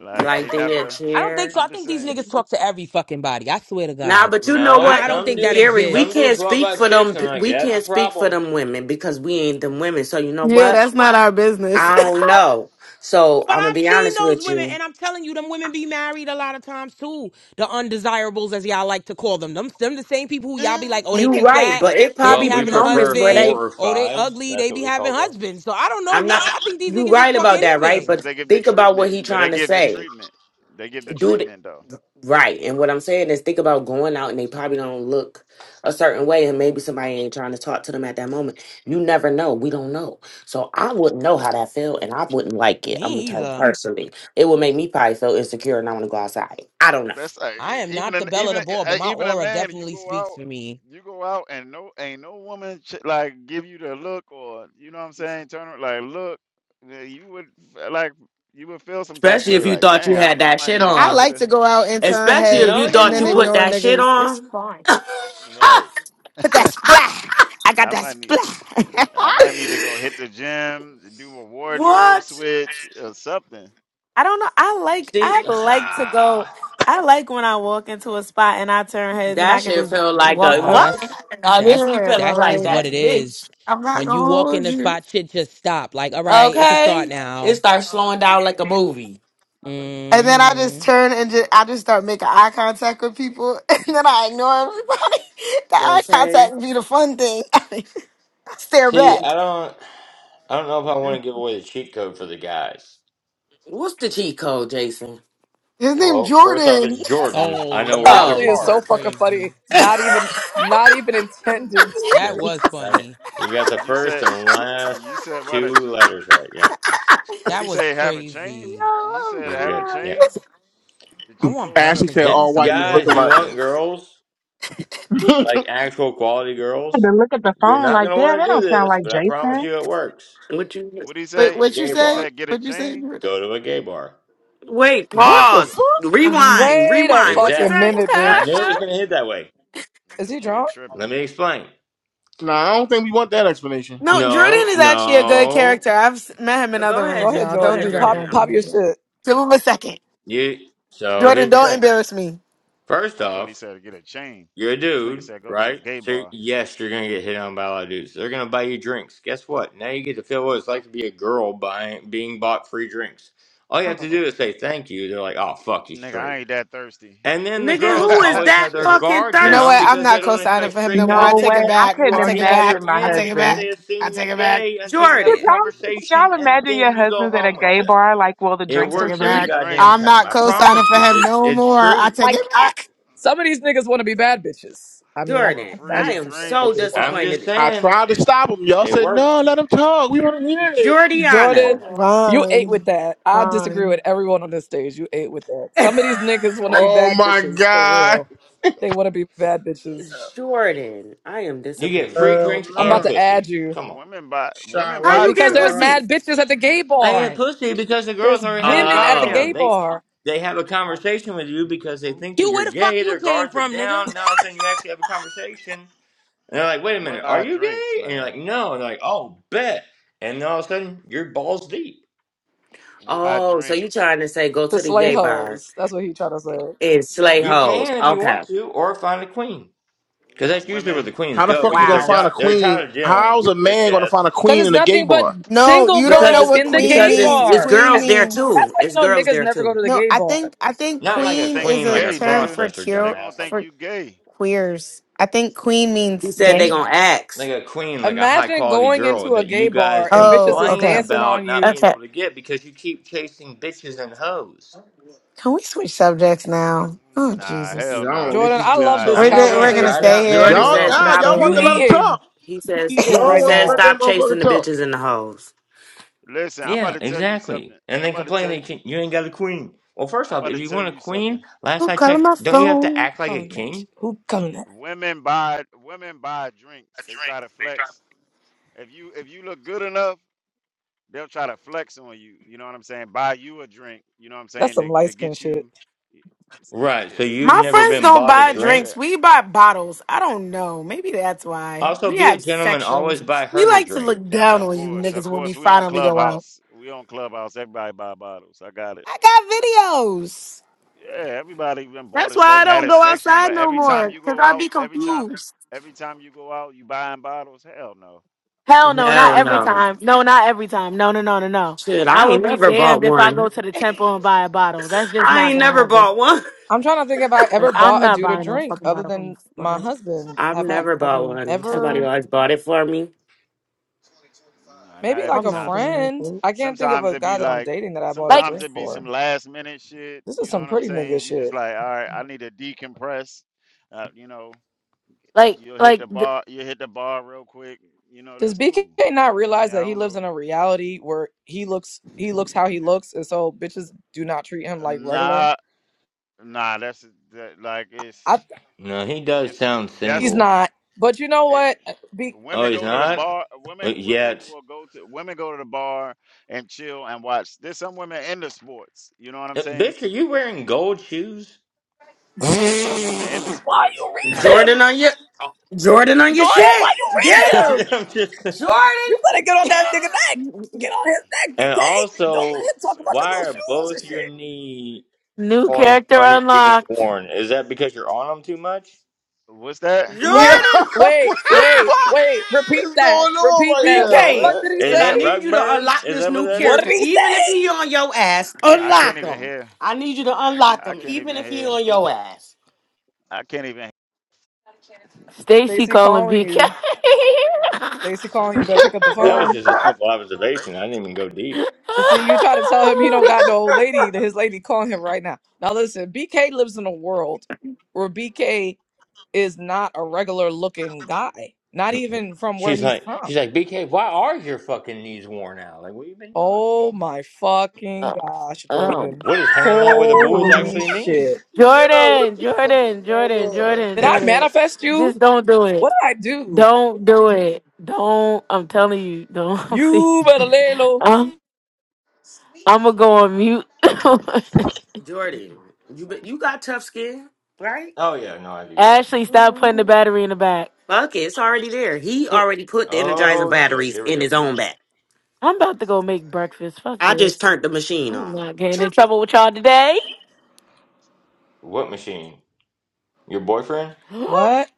F: Like they
G: like they had
F: never
B: I don't
G: cheer
B: think so. I
F: I'm just
B: think these
F: saying.
B: niggas talk to every fucking body. I swear to
G: Nah,
B: God.
G: but you know
H: No,
B: I
G: what,
B: I don't
H: some
B: think that
H: dudes,
G: Erie, we
H: some
B: exists.
H: dudes
G: can't
H: walk
G: speak
H: by
G: for
H: chicks
G: them.
H: and I'm like,
G: We
H: yeah, that's a
G: can't speak for
H: problem.
G: them women because we ain't them women. So you know
C: Yeah,
G: what?
C: that's not our business.
G: I don't know. So
B: But
G: I'm gonna
B: I've
G: be
B: seen
G: honest
B: those
G: with
B: women,
G: you.
B: and I'm telling you, them women be married a lot of times too. The undesirables, as y'all like to call them. Them, them the same people who y'all be like, oh, they
G: You
B: too
G: right,
B: fat.
G: but it
B: They be
H: Well,
G: probably
H: we
G: be
B: having a
G: moments
H: prefer
G: where
B: husband.
G: they.
H: four or
B: Oh, they
H: fives.
B: ugly.
H: That's
B: They
H: what
B: be
H: we
B: having
H: call them.
B: husbands. So I don't know
G: I'm
B: what.
G: not.
B: I think these
G: You
B: niggas just
G: right
B: fuck
G: about that, right?
F: That's
B: anything.
F: because
G: But
F: they give the
G: think about what
F: treatment,
G: he
F: but they
G: trying to
F: give the
G: say.
F: treatment. They give the
G: Do
F: treatment though.
G: Right. And what I'm saying is think about going out and they probably don't look a certain way and maybe somebody ain't trying to talk to them at that moment. You never know. We don't know. So I wouldn't know how that felt and I wouldn't like it. I'm gonna
B: Me
G: tell you
B: either.
G: personally. It would make me probably feel insecure and I wanna go outside. I don't know.
F: That's uh,
B: I am
F: e- even
B: not the
F: an,
B: belle of
F: even
B: the ball,
F: a-
B: but
F: uh,
B: my
F: even a
B: aura
F: man. You
B: definitely
F: go out,
B: speaks for me.
F: you go out, and no ain't no woman ch- like give you the look or you know what I'm saying. Turn her like look, uh, you would f- like you would feel some type of
G: Especially
F: way
G: if you
F: like
G: thought you
F: damn,
G: had
F: I
G: that
F: might
G: shit
F: need to go
C: I
G: on.
F: to
C: like
F: the
C: to go out and turn
G: Especially if
H: No,
C: heads
G: you
C: and
H: you
G: thought
C: then
G: you put
H: wouldn't.
C: ignore
G: that shit
C: niggas. It's
G: on.
C: fine.
F: right.
C: Put that splat. I got
F: I
C: that
F: might need
C: splat.
F: I might need to go hit the gym, do a wardrobe
G: What?
F: switch or something.
C: I don't know. I like I
H: See,
C: like to go.
H: ah,
C: I like when I walk into a spot and I turn heads and
G: That
C: I can
G: shit
C: just
G: felt like
C: walk
G: a
B: Nah,
C: up.
G: what?
B: that's
G: Now this
B: that's
G: be
C: yeah,
G: feeling
B: that's
G: like
B: just
C: like
B: what
G: that
B: it is.
G: bitch.
C: I'm not
B: When you
C: gonna
B: walk in
C: hold
B: the
C: you.
B: spot, shit just stop. Like, all right, it can start
G: Okay? It
B: now.
G: starts slowing down like a movie.
C: And then I
B: hmm
C: just turn and just, I just start making eye contact with people, and then I ignore everybody. the eye
G: Okay.
C: contact be the fun thing. I stare
H: see,
C: back.
H: I don't, I don't know if I want to give away the
F: That's-
H: cheat code for the guys.
G: What's the cheat code, Jason?
C: His name
H: Well, first off,
C: Jordan.
H: it's
B: Oh
H: Jordan. I know words
B: Lord,
H: are
I: Ashley
G: Oh.
B: this
I: is so
B: is
H: hard,
I: fucking
H: but.
I: funny.
B: crazy.
I: Not even, not even intending to
B: That
I: be.
H: That's
B: was
H: I,
B: funny.
H: you got the
F: You
H: first
F: said
H: and last
F: you said what a
H: two
F: G.
H: letters right. Yep.
F: What
B: That
F: he
B: was
F: say? Have a chain?
B: crazy.
F: He said
H: You're
F: have a
H: good. Yep.
F: chain. The
B: I
F: cheat
B: want
F: code for the.
A: Ashley
B: breakfast,
A: said
B: but
H: Yeah.
B: I
H: Hey,
B: want
A: all
B: some
A: white men
B: good
A: look
H: Guys, you
A: alike.
H: want
B: breakfast.
H: girls? Like actual quality
J: had
H: girls?
J: to look at the
H: You're
J: phone
H: not going
J: like,
H: to
J: damn,
H: want
J: that
H: to do
J: don't sound
H: this,
J: like
H: but I promise
J: Jason.
H: you it works.
G: what you
F: What he
H: Go
C: Wait,
H: to
F: say?
H: a
C: what you
H: gay
F: He
C: say?
H: bar.
F: said get a
C: What you say,
F: chain.
C: Jordan?
H: Go to a gay bar.
G: wait,
F: Uh,
A: what the
F: G-
G: pause.
A: fuck?
C: Um,
G: Rewind,
I: Wait a
G: rewind.
F: uh,
G: What you
I: fucking
G: say?
H: Exactly.
I: minute,
H: I knew it
I: bitch.
H: was going to
F: This
H: hit
F: nigga,
H: that way.
I: Is
F: this
I: he
F: nigga
I: drunk?
F: tripping.
H: Let me explain.
A: Nah, I don't think we want that explanation.
C: no, Jordan
H: No,
C: is actually a good
H: no.
C: character. I've s- met him
G: Uh,
C: in other
G: Go ahead,
I: Go
C: rooms,
I: ahead,
G: Ju-
C: y'all.
G: go
C: Don't
G: ahead,
C: do
I: Jordan.
C: that.
I: Pop,
G: Jordan.
C: Don't do
I: pop
G: I'm...
I: your
C: that.
I: shit.
C: Give him a second.
H: You so
C: Jordan,
H: here's the
C: don't
H: thing.
C: embarrass me.
H: First
F: I thought he
H: off,
F: said get a chain.
H: You're a
F: This nigga
H: dude,
F: said go to a
H: right?
F: gay
H: So
F: bar.
H: yes, you're gonna get hit on by a lot of dudes. They're gonna buy you drinks. Guess what? Now you get to feel what it's like to be a girl buying being bought free drinks. All you have to
C: Oh.
H: do is say thank you. They're like, oh fuck you
F: Nigga, I ain't
H: straight.
F: that thirsty.
H: And then the
G: Nigga,
H: girls
G: who is
H: always have
G: that
H: their
F: Shit,
G: fucking
H: guard
C: You know
H: down
C: what?
G: thirsty?
C: I'm
H: because they
C: not
H: don't
C: co-signing
H: expect
C: for him
H: straight
C: no more. I
H: guys
J: No
C: take
J: way.
H: in
C: it
H: there.
J: I
C: back.
H: You
J: couldn't
C: I take
H: already
C: it
H: have your
C: back.
J: imagine my
C: I
H: in
C: take it
H: because
J: husband.
H: they
C: back. I
H: assume you're
C: take it back.
H: gay until you have a
J: Could
G: Jordan.
J: y'all, could
H: conversation
J: y'all
H: and
J: imagine your
H: then you go
J: husband's at a
H: home with
J: gay
H: them.
J: bar, like, well, the
C: I
H: It
J: drinks
C: take
F: for
J: are
C: it
H: works
J: free?
H: every
F: free
C: back.
H: goddamn
C: I'm
F: drinks,
H: time.
C: not
H: I
C: co-signing
H: promise
C: for
H: you.
C: him
H: It's
C: no
H: it's
C: more. I
H: true.
C: take
I: Like
F: uh,
C: it
I: I,
C: back.
I: some of these niggas want to be bad bitches. I mean, I
F: for
G: Jordan.
I: can't
F: free
G: I
I: imagine some
G: am
I: of them in a
G: so
I: gay
F: drinks.
I: bar.
H: I'm just
G: disappointed.
A: I
H: saying
A: tried to stop him. Y'all
H: it
A: said
H: works.
A: no, let him talk. We want to hear it.
G: Jordiana.
A: Told
I: Jordan,
A: y'all.
I: you ate with
C: Vaughn.
I: that. I disagree with
C: Vaughn.
I: everyone on this stage. You ate with that. Some of these niggas want to be
A: Oh
I: bad
A: my
I: bitches for
A: god.
I: real. They want to be bad bitches.
G: Jordan. I am
H: You get free
G: disappointed.
A: Hell
H: drinks
I: I'm about
H: and
A: no.
I: to add
H: pussy.
I: you
H: Come on.
F: Women buy
A: Shy,
F: women
A: what
G: How
F: buy
G: you
A: up,
F: n-
I: because
G: getting
I: there's
A: Shy?
F: wo-
G: pussy?
I: mad bitches at the gay
H: I
B: All
I: bar.
H: get
B: right.
H: pussy because the girls
I: There's
H: already have their
I: women at
H: guard
I: the gay
H: down.
G: Oh.
H: They
I: bar
H: they have a conversation with you because they think that
B: You
H: you're
B: where the fuck
H: gay.
B: you
H: Their
B: came
H: guards are
B: from, nigga? All
H: down. Now all of a sudden you actually have a conversation, and they're like, "Wait a
F: women
H: minute, are
F: buy
H: you
F: drinks,
H: gay?" And you're
F: man.
H: like, "No." And they're like, "Oh, bet." And then all of a sudden you're balls deep.
F: Women Buy
G: Oh, so you
F: drinks.
G: trying to say go
I: to
G: to the
I: slay
G: gay bar
I: hoes. That's what he trying to say.
G: and slay
H: You
G: hoes.
H: can if you
G: Okay.
H: want to, or find a queen because
F: Nah,
H: that's usually where
F: women.
H: the queens
A: How the
H: go
A: fuck you
H: because
A: gonna
H: they're
C: Wow.
A: find a
H: di- they're
A: queen?
H: tired of dealing with
A: How's
H: you
A: a
H: bitch
A: man gonna
H: ass.
A: find a
I: Cause
A: queen
I: it's
A: in a gay
I: nothing but
A: bar?
C: No,
I: single
C: you don't
G: because
C: know
I: girls
G: it's
C: what
I: in the
C: queen
I: gay
G: because it's
C: means.
G: it's
I: bar.
C: Queen
G: girls there
C: means.
I: That's
G: too.
I: why you
G: It's
I: know
G: girls
I: niggas
G: there
I: never go
G: too.
I: to the
C: No,
I: gay
C: I
I: bar.
C: think I think
H: Not
F: They
H: like a
F: gonna
C: queen
F: think
C: is
F: you
H: queen,
C: a
H: like a
F: gay,
C: term
F: nigga.
C: for
H: crossdresser
F: They
C: cure
F: gonna
H: dumbass. Like
F: think
C: for
F: you gay.
C: queers. I think queen
G: He
C: means
G: said they
C: gay.
G: gonna ask.
H: like a queen, like a high
I: Imagine
H: quality
I: going
H: girl
I: into a
H: that
I: gay
H: you guys
I: bar and bitches
C: Oh,
I: is
H: complain
C: okay,
I: dancing on
H: about not
I: you.
H: being
C: okay.
H: able to get because you keep chasing bitches and hoes.
C: Can we switch subjects now? Oh
F: Nah,
C: Jesus,
F: hell
A: Yeah, I don't
F: nah,
A: know what
I: Jordan,
F: nigga.
A: this
I: I
F: We
A: dude
I: love this
F: not
H: I'm
C: we're
A: talking
F: we
H: just
A: about.
C: go- we're
H: saying,
F: not
C: gonna
H: try it
I: conversation.
C: stay
H: out and then prove
G: Jordan
C: here.
H: me
A: Y'all,
G: says
H: wrong.
F: going
C: We're
A: y'all,
F: to
G: stop.
F: no
A: y'all
I: You
C: staying
A: want
F: gay
A: to let
C: here.
A: him
F: bar.
I: eating,
A: talk.
G: He
I: you
G: says
I: eating
G: he
A: Y'all
I: right
A: want to
G: says
A: let
I: now.
A: that
G: stop chasing
A: motherfucker
G: the
A: talk.
G: bitches and the hoes.
F: Listen, I'm about
H: Yeah,
F: to tell you
H: exactly.
F: something.
H: And
F: I'm
H: then
F: about to
H: complain
F: tell
H: that
F: you
H: you, can't, you ain't got a queen. Well, first
F: I'm
H: off,
F: about
H: if
F: to
H: you
F: tell
H: want a
F: you something.
H: queen, last
C: Who
H: I
C: calling
H: checked,
C: my
H: don't you have to
C: phone?
H: act like a
I: Coming at you.
H: king?
I: Who coming at?
F: Women buy women buy drinks. They try to flex. If you if you look good enough, they'll try to flex on you. You know what I'm saying? Buy you a drink. You know what I'm
I: That's
F: saying?
I: some
F: To
I: light
F: to
I: skin
F: get
I: shit.
F: you
H: Right, so
F: yeah,
H: you've
C: My
H: never
C: friends
H: been
C: don't
H: bought a
C: buy
F: they do
H: drink?
C: drinks.
F: that.
C: We buy bottles. I don't know. Maybe that's why
H: Also,
C: we
H: be a
C: have
H: gentleman, always
C: sections.
H: buy
C: We
H: her the
C: like to
H: drink,
C: look down
F: Of
H: dumbass.
C: on you
F: course. Of
C: niggas when we
F: course we on
C: finally go out.
F: Clubhouse. We on Clubhouse. Everybody buy bottles. I got it.
C: I got videos.
F: Yeah, everybody been bought
C: That's
F: a
C: why
F: sec
C: I
F: had
C: don't
F: a
C: go
F: section,
C: outside
F: but
C: no
F: every time
C: more.
F: you
C: Cause
F: go
C: I'd
F: out,
C: be
F: every time
C: confused.
F: every time you go out, you buying bottles. Hell no.
C: Hell no,
G: Hell
C: not
F: Sometimes
C: every
F: I
G: no.
C: time. No, not every time. No, no, no, no, no.
G: Shit,
C: I
G: I ain't
C: would be
G: never bought
C: damned if I go
G: one.
C: to the temple and buy a bottle. That's just
G: I
C: not
G: ain't
C: gonna
G: never
C: happen.
G: bought one.
I: I'm trying to think if I ever
C: Like I'm
I: bought a
C: not
I: dude a
C: buying no
I: drink
C: fucking
I: other
C: bottle from
I: than
C: this
I: my
C: fucking
I: husband.
G: I've
I: Have I
G: never bought
C: fucking
G: one. Somebody
I: ever?
C: temple.
G: always bought it for me.
F: no, not
I: Maybe like
F: every
C: I'm
I: a
C: not
F: time.
C: doing
F: Some,
C: that
I: friend.
C: shit.
I: I can't think of
F: sometimes
I: a
F: it be
I: guy that I'm
F: like
I: dating that I bought a
C: Like,
F: sometimes
I: drink
F: it be some
I: for.
F: last minute shit.
I: This is
F: You know
I: some
F: what I'm
I: pretty
F: saying?
I: nigga
F: You just
I: shit.
F: like, all right, I need to decompress. Uh, you know,
C: like,
F: you'll hit
C: like
F: the
C: the
F: bar you hit the bar real quick. You know,
I: Does
F: that's
I: BK
F: cool.
I: not
F: You know what I mean?
I: realize
F: I
I: that he
F: don't
I: lives in
F: know.
I: a reality where he looks he looks how he looks and so bitches do not treat him like regular?
F: Nah, nah, that's that, like
I: I
F: it's
H: No, he does
F: it's
H: sound
I: he's
F: that's
H: single.
I: not. But you know
F: it
I: what? Be,
H: Oh,
F: women
H: he's
F: go to the
H: not?
F: bar
H: Uh,
F: women women
H: Yet.
F: will go to women go to the bar and chill and watch there's some women into sports you know what i'm
H: Uh,
F: saying
H: Bitch, are you wearing gold shoes?
F: there's some women into
I: why you
F: sports
I: reading
G: Jordan
I: him?
G: on your Jordan on your
I: Jordan, why
G: shit.
I: you
G: Get
I: reading him?
G: it,
H: I'm just saying.
I: You
G: Jordan.
I: better get on that nigga neck. Get on his neck,
H: and
I: BK. Don't
F: surf
H: also,
I: let him talk about your
F: surfy
H: why
I: little
H: are both
I: shoes
F: cafeteria
H: your knee
C: new
H: points
C: character
H: on your jeans
C: unlocked.
H: worn? Is that because you're on them too much?
F: what's that
A: Yeah,
I: Wait,
G: Jordan.
A: what
I: wait,
A: the
I: wait, wait.
A: f-
I: Repeat
A: is
I: that.
A: going on
I: Repeat
A: right
I: that. What the fuck
G: BK,
A: now, man?
I: did he
H: Is
G: and
I: say?
G: I
H: that
G: need
H: rug
G: you to
H: burn?
G: unlock
H: Is
G: this
H: that what
G: new
H: that
I: What
H: is?
I: did
G: character.
I: he
G: Even
I: say?
G: if he on your ass,
F: i can't
G: unlock
F: even
G: him.
F: hear
G: I need you to unlock
F: i
G: him,
F: can't
G: even
F: even
G: if he
F: hear
G: on your ass.
F: i can't even
C: Stacy
I: Stacy
C: calling
I: calling
C: BK.
I: you. Stacy calling you. Better pick up the
H: That was
I: phone.
H: just a simple observation. I didn't even go deep.
I: See, you try to tell him he don't got no old lady. That his lady calling him right now. Now listen, BK lives in a world where BK is not a regular looking guy. Not even from where
H: She's
I: he's
H: like,
I: from.
H: she's like, BK, why are your fucking knees worn out? Like, what you been doing?
I: Oh my fucking
C: Oh
I: gosh,
C: um,
I: Jordan.
H: What does hanging out with the boys
C: oh.
I: Holy
H: actually mean?
I: shit.
A: Yeah, what
C: Jordan,
A: the fuck is
C: Jordan,
A: going
H: I'm
C: Jordan,
A: on,
H: sorry.
A: man?
C: Jordan,
I: Did I
C: Jordan.
I: manifest you?
C: Just don't do
I: What
C: it.
I: did I do?
C: Don't do it. Don't. I'm telling you. Don't. Please.
I: You better lay low.
C: I'm. I'm gonna go on mute.
G: Jordan, you be, you got tough skin, right?
H: oh yeah, no, I do. Yeah.
C: Ashley, stop putting the battery in the back.
G: Fuck it, it's already there. He
C: It,
G: already put the energizing
H: Oh shit.
G: batteries
H: Here we
G: in
H: go.
G: his own back.
C: I'm about to go make breakfast. Fuck
G: I just
C: this.
G: turned the machine
C: I'm
G: on.
C: not getting in
G: Chirp.
C: trouble with y'all today.
H: What machine? Your boyfriend?
I: What?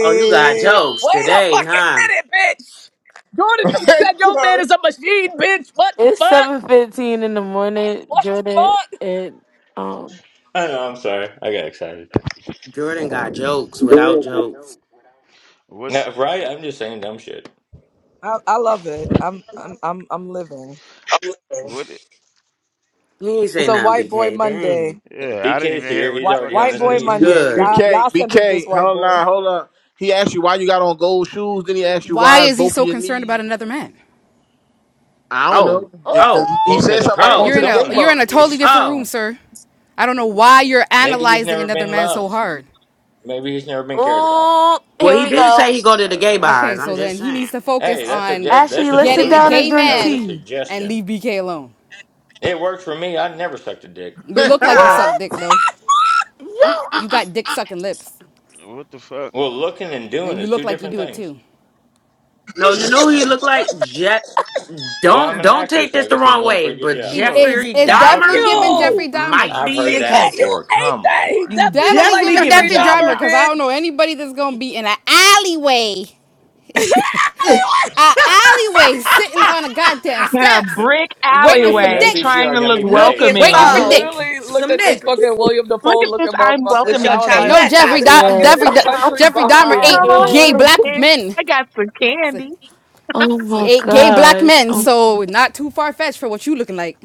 G: Oh, you got jokes
I: Wait a
G: today,
I: fucking
G: huh?
I: minute, bitch. Jordan just
A: Hey,
I: said your man
A: yo.
I: is a machine, bitch. What the
C: It's
I: fuck?
C: seven fifteen in the morning,
I: What the
C: Jordan,
I: fuck?
C: and um.
H: I know. I'm sorry. I got excited.
G: Jordan got jokes without jokes.
F: what's
H: No, right? I'm just saying dumb shit.
I: I, I love it. I'm I'm I'm I'm living.
F: what it-
G: He ain't
I: It's
G: say
I: a
G: nothing,
I: white boy
G: BK.
I: Monday.
G: Dang.
H: If
F: yeah
H: B
F: i didn't
H: K is
F: even hear
H: here,
F: what
H: he's
F: the
I: White
F: fuck
H: already
F: he
H: on
I: white
H: his
I: boy
F: said
H: knees.
A: B-
I: Monday.
G: Good.
I: Y'all
A: BK,
I: y'all centered this
A: BK, hold
I: white
A: on,
I: boy.
A: nah, hold on. He asked you why you got on gold shoes. Then he asked you
K: Why
A: why is
K: is he
A: both of
K: so
A: your
K: concerned about
A: knees.
K: another man?
A: I don't know
G: Oh, oh,
A: because he
H: Well,
A: said
H: because
A: something about going
H: apparently
K: You're
G: oh,
A: to
K: in
A: the
K: a
A: gay
H: someone
K: you're
H: has
K: in
H: to
K: a
A: bar.
H: be.
K: totally different
G: oh.
K: room, sir. I don't know why you're
H: Maybe he's
K: analyzing
H: never
K: another
H: been
K: man so
H: loved.
K: hard.
H: Maybe he's never been cared about.
C: Oh,
G: Well,
C: here
G: he
C: we
G: didn't
C: go.
G: say he go to the
F: uh
G: gay bars.
K: Okay,
G: I'm
K: so
G: just
K: then he
G: saying.
K: needs to focus
H: Hey, that's a
K: on
H: that, that's
C: Ashley,
H: just
C: let's
H: a
C: sit
K: getting a
C: down and
K: gay
H: loophole. That
C: drink
H: was a
K: man
C: tea.
K: and
H: suggestion.
K: leave BK alone.
H: It worked for me. I never sucked a dick.
K: You look like you suck
C: What?
K: dick though.
G: Uh, uh,
K: You
G: uh.
K: got dick sucking lips,
F: what the fuck
H: Well, looking and
K: and
H: doing
K: you
H: is
K: look
H: two
K: like you
H: different
K: do it
H: things.
K: too.
G: No, you know who he looked like Jeff.
H: Well, I'm
G: Don't
H: an
G: don't
H: actor,
G: take
H: so
G: this
H: I
G: the
H: guess I'm
G: wrong
H: doing a
G: way,
H: pretty good
G: but
K: He
H: job.
F: what
K: is
G: Jeffrey
K: it's
F: the
I: Thank
F: fuck
K: definitely
F: is
G: Dahmer
K: giving
F: going
K: Jeffrey
I: you.
G: might
K: Dahmer.
H: I've
I: He
G: be
H: heard
G: your
I: ate-
H: that
G: cousin.
I: you
H: before.
I: ate
H: Come
I: that. He
H: on.
G: You
I: definitely looked
K: Definitely
I: like
G: definitely
K: giving
G: giving
K: Deaf
I: Jeffrey
K: a
G: Jeffrey
K: drummer
I: Dahmer,
G: Dahmer.
K: because I don't know
I: bitch.
K: anybody that's gonna be in an alleyway, an alleyway sitting on a goddamn
J: In a
K: steps,
J: brick
K: waiting for
H: Hey,
J: alleyway,
H: that
K: dick,
J: trying
H: PTR
J: to
H: got
J: look
H: me
G: Looking
H: paid, so I
K: waiting
I: I
J: welcoming.
H: want to
K: for
H: hear
G: for
H: it.
K: dick.
I: literally looked
G: some
I: at this
G: niggas
I: fucking William
J: Look
I: Dafoe
J: at this
I: looking
J: I'm
I: motherfucker,
G: with
I: and
G: your
I: I
J: welcoming
I: was
K: You
I: like,
K: know
J: face.
G: chocolate
I: "Where
K: Jeffrey
G: thighs
I: did
G: on.
I: y'all
K: Do-
I: get
C: Yeah,
K: Jeffrey
I: this
K: Do-
C: I'm
I: country
K: Jeffrey Dahmer
J: Come
I: bumpkin?
K: ate
J: on,
K: gay
J: little
C: crying.
K: black
J: kid.
K: men.
J: I got some
K: So
J: candy.
C: Oh
K: He
C: my
K: ate gay black
C: gosh.
K: men,
C: Oh.
K: so not too far fetched for what you looking like.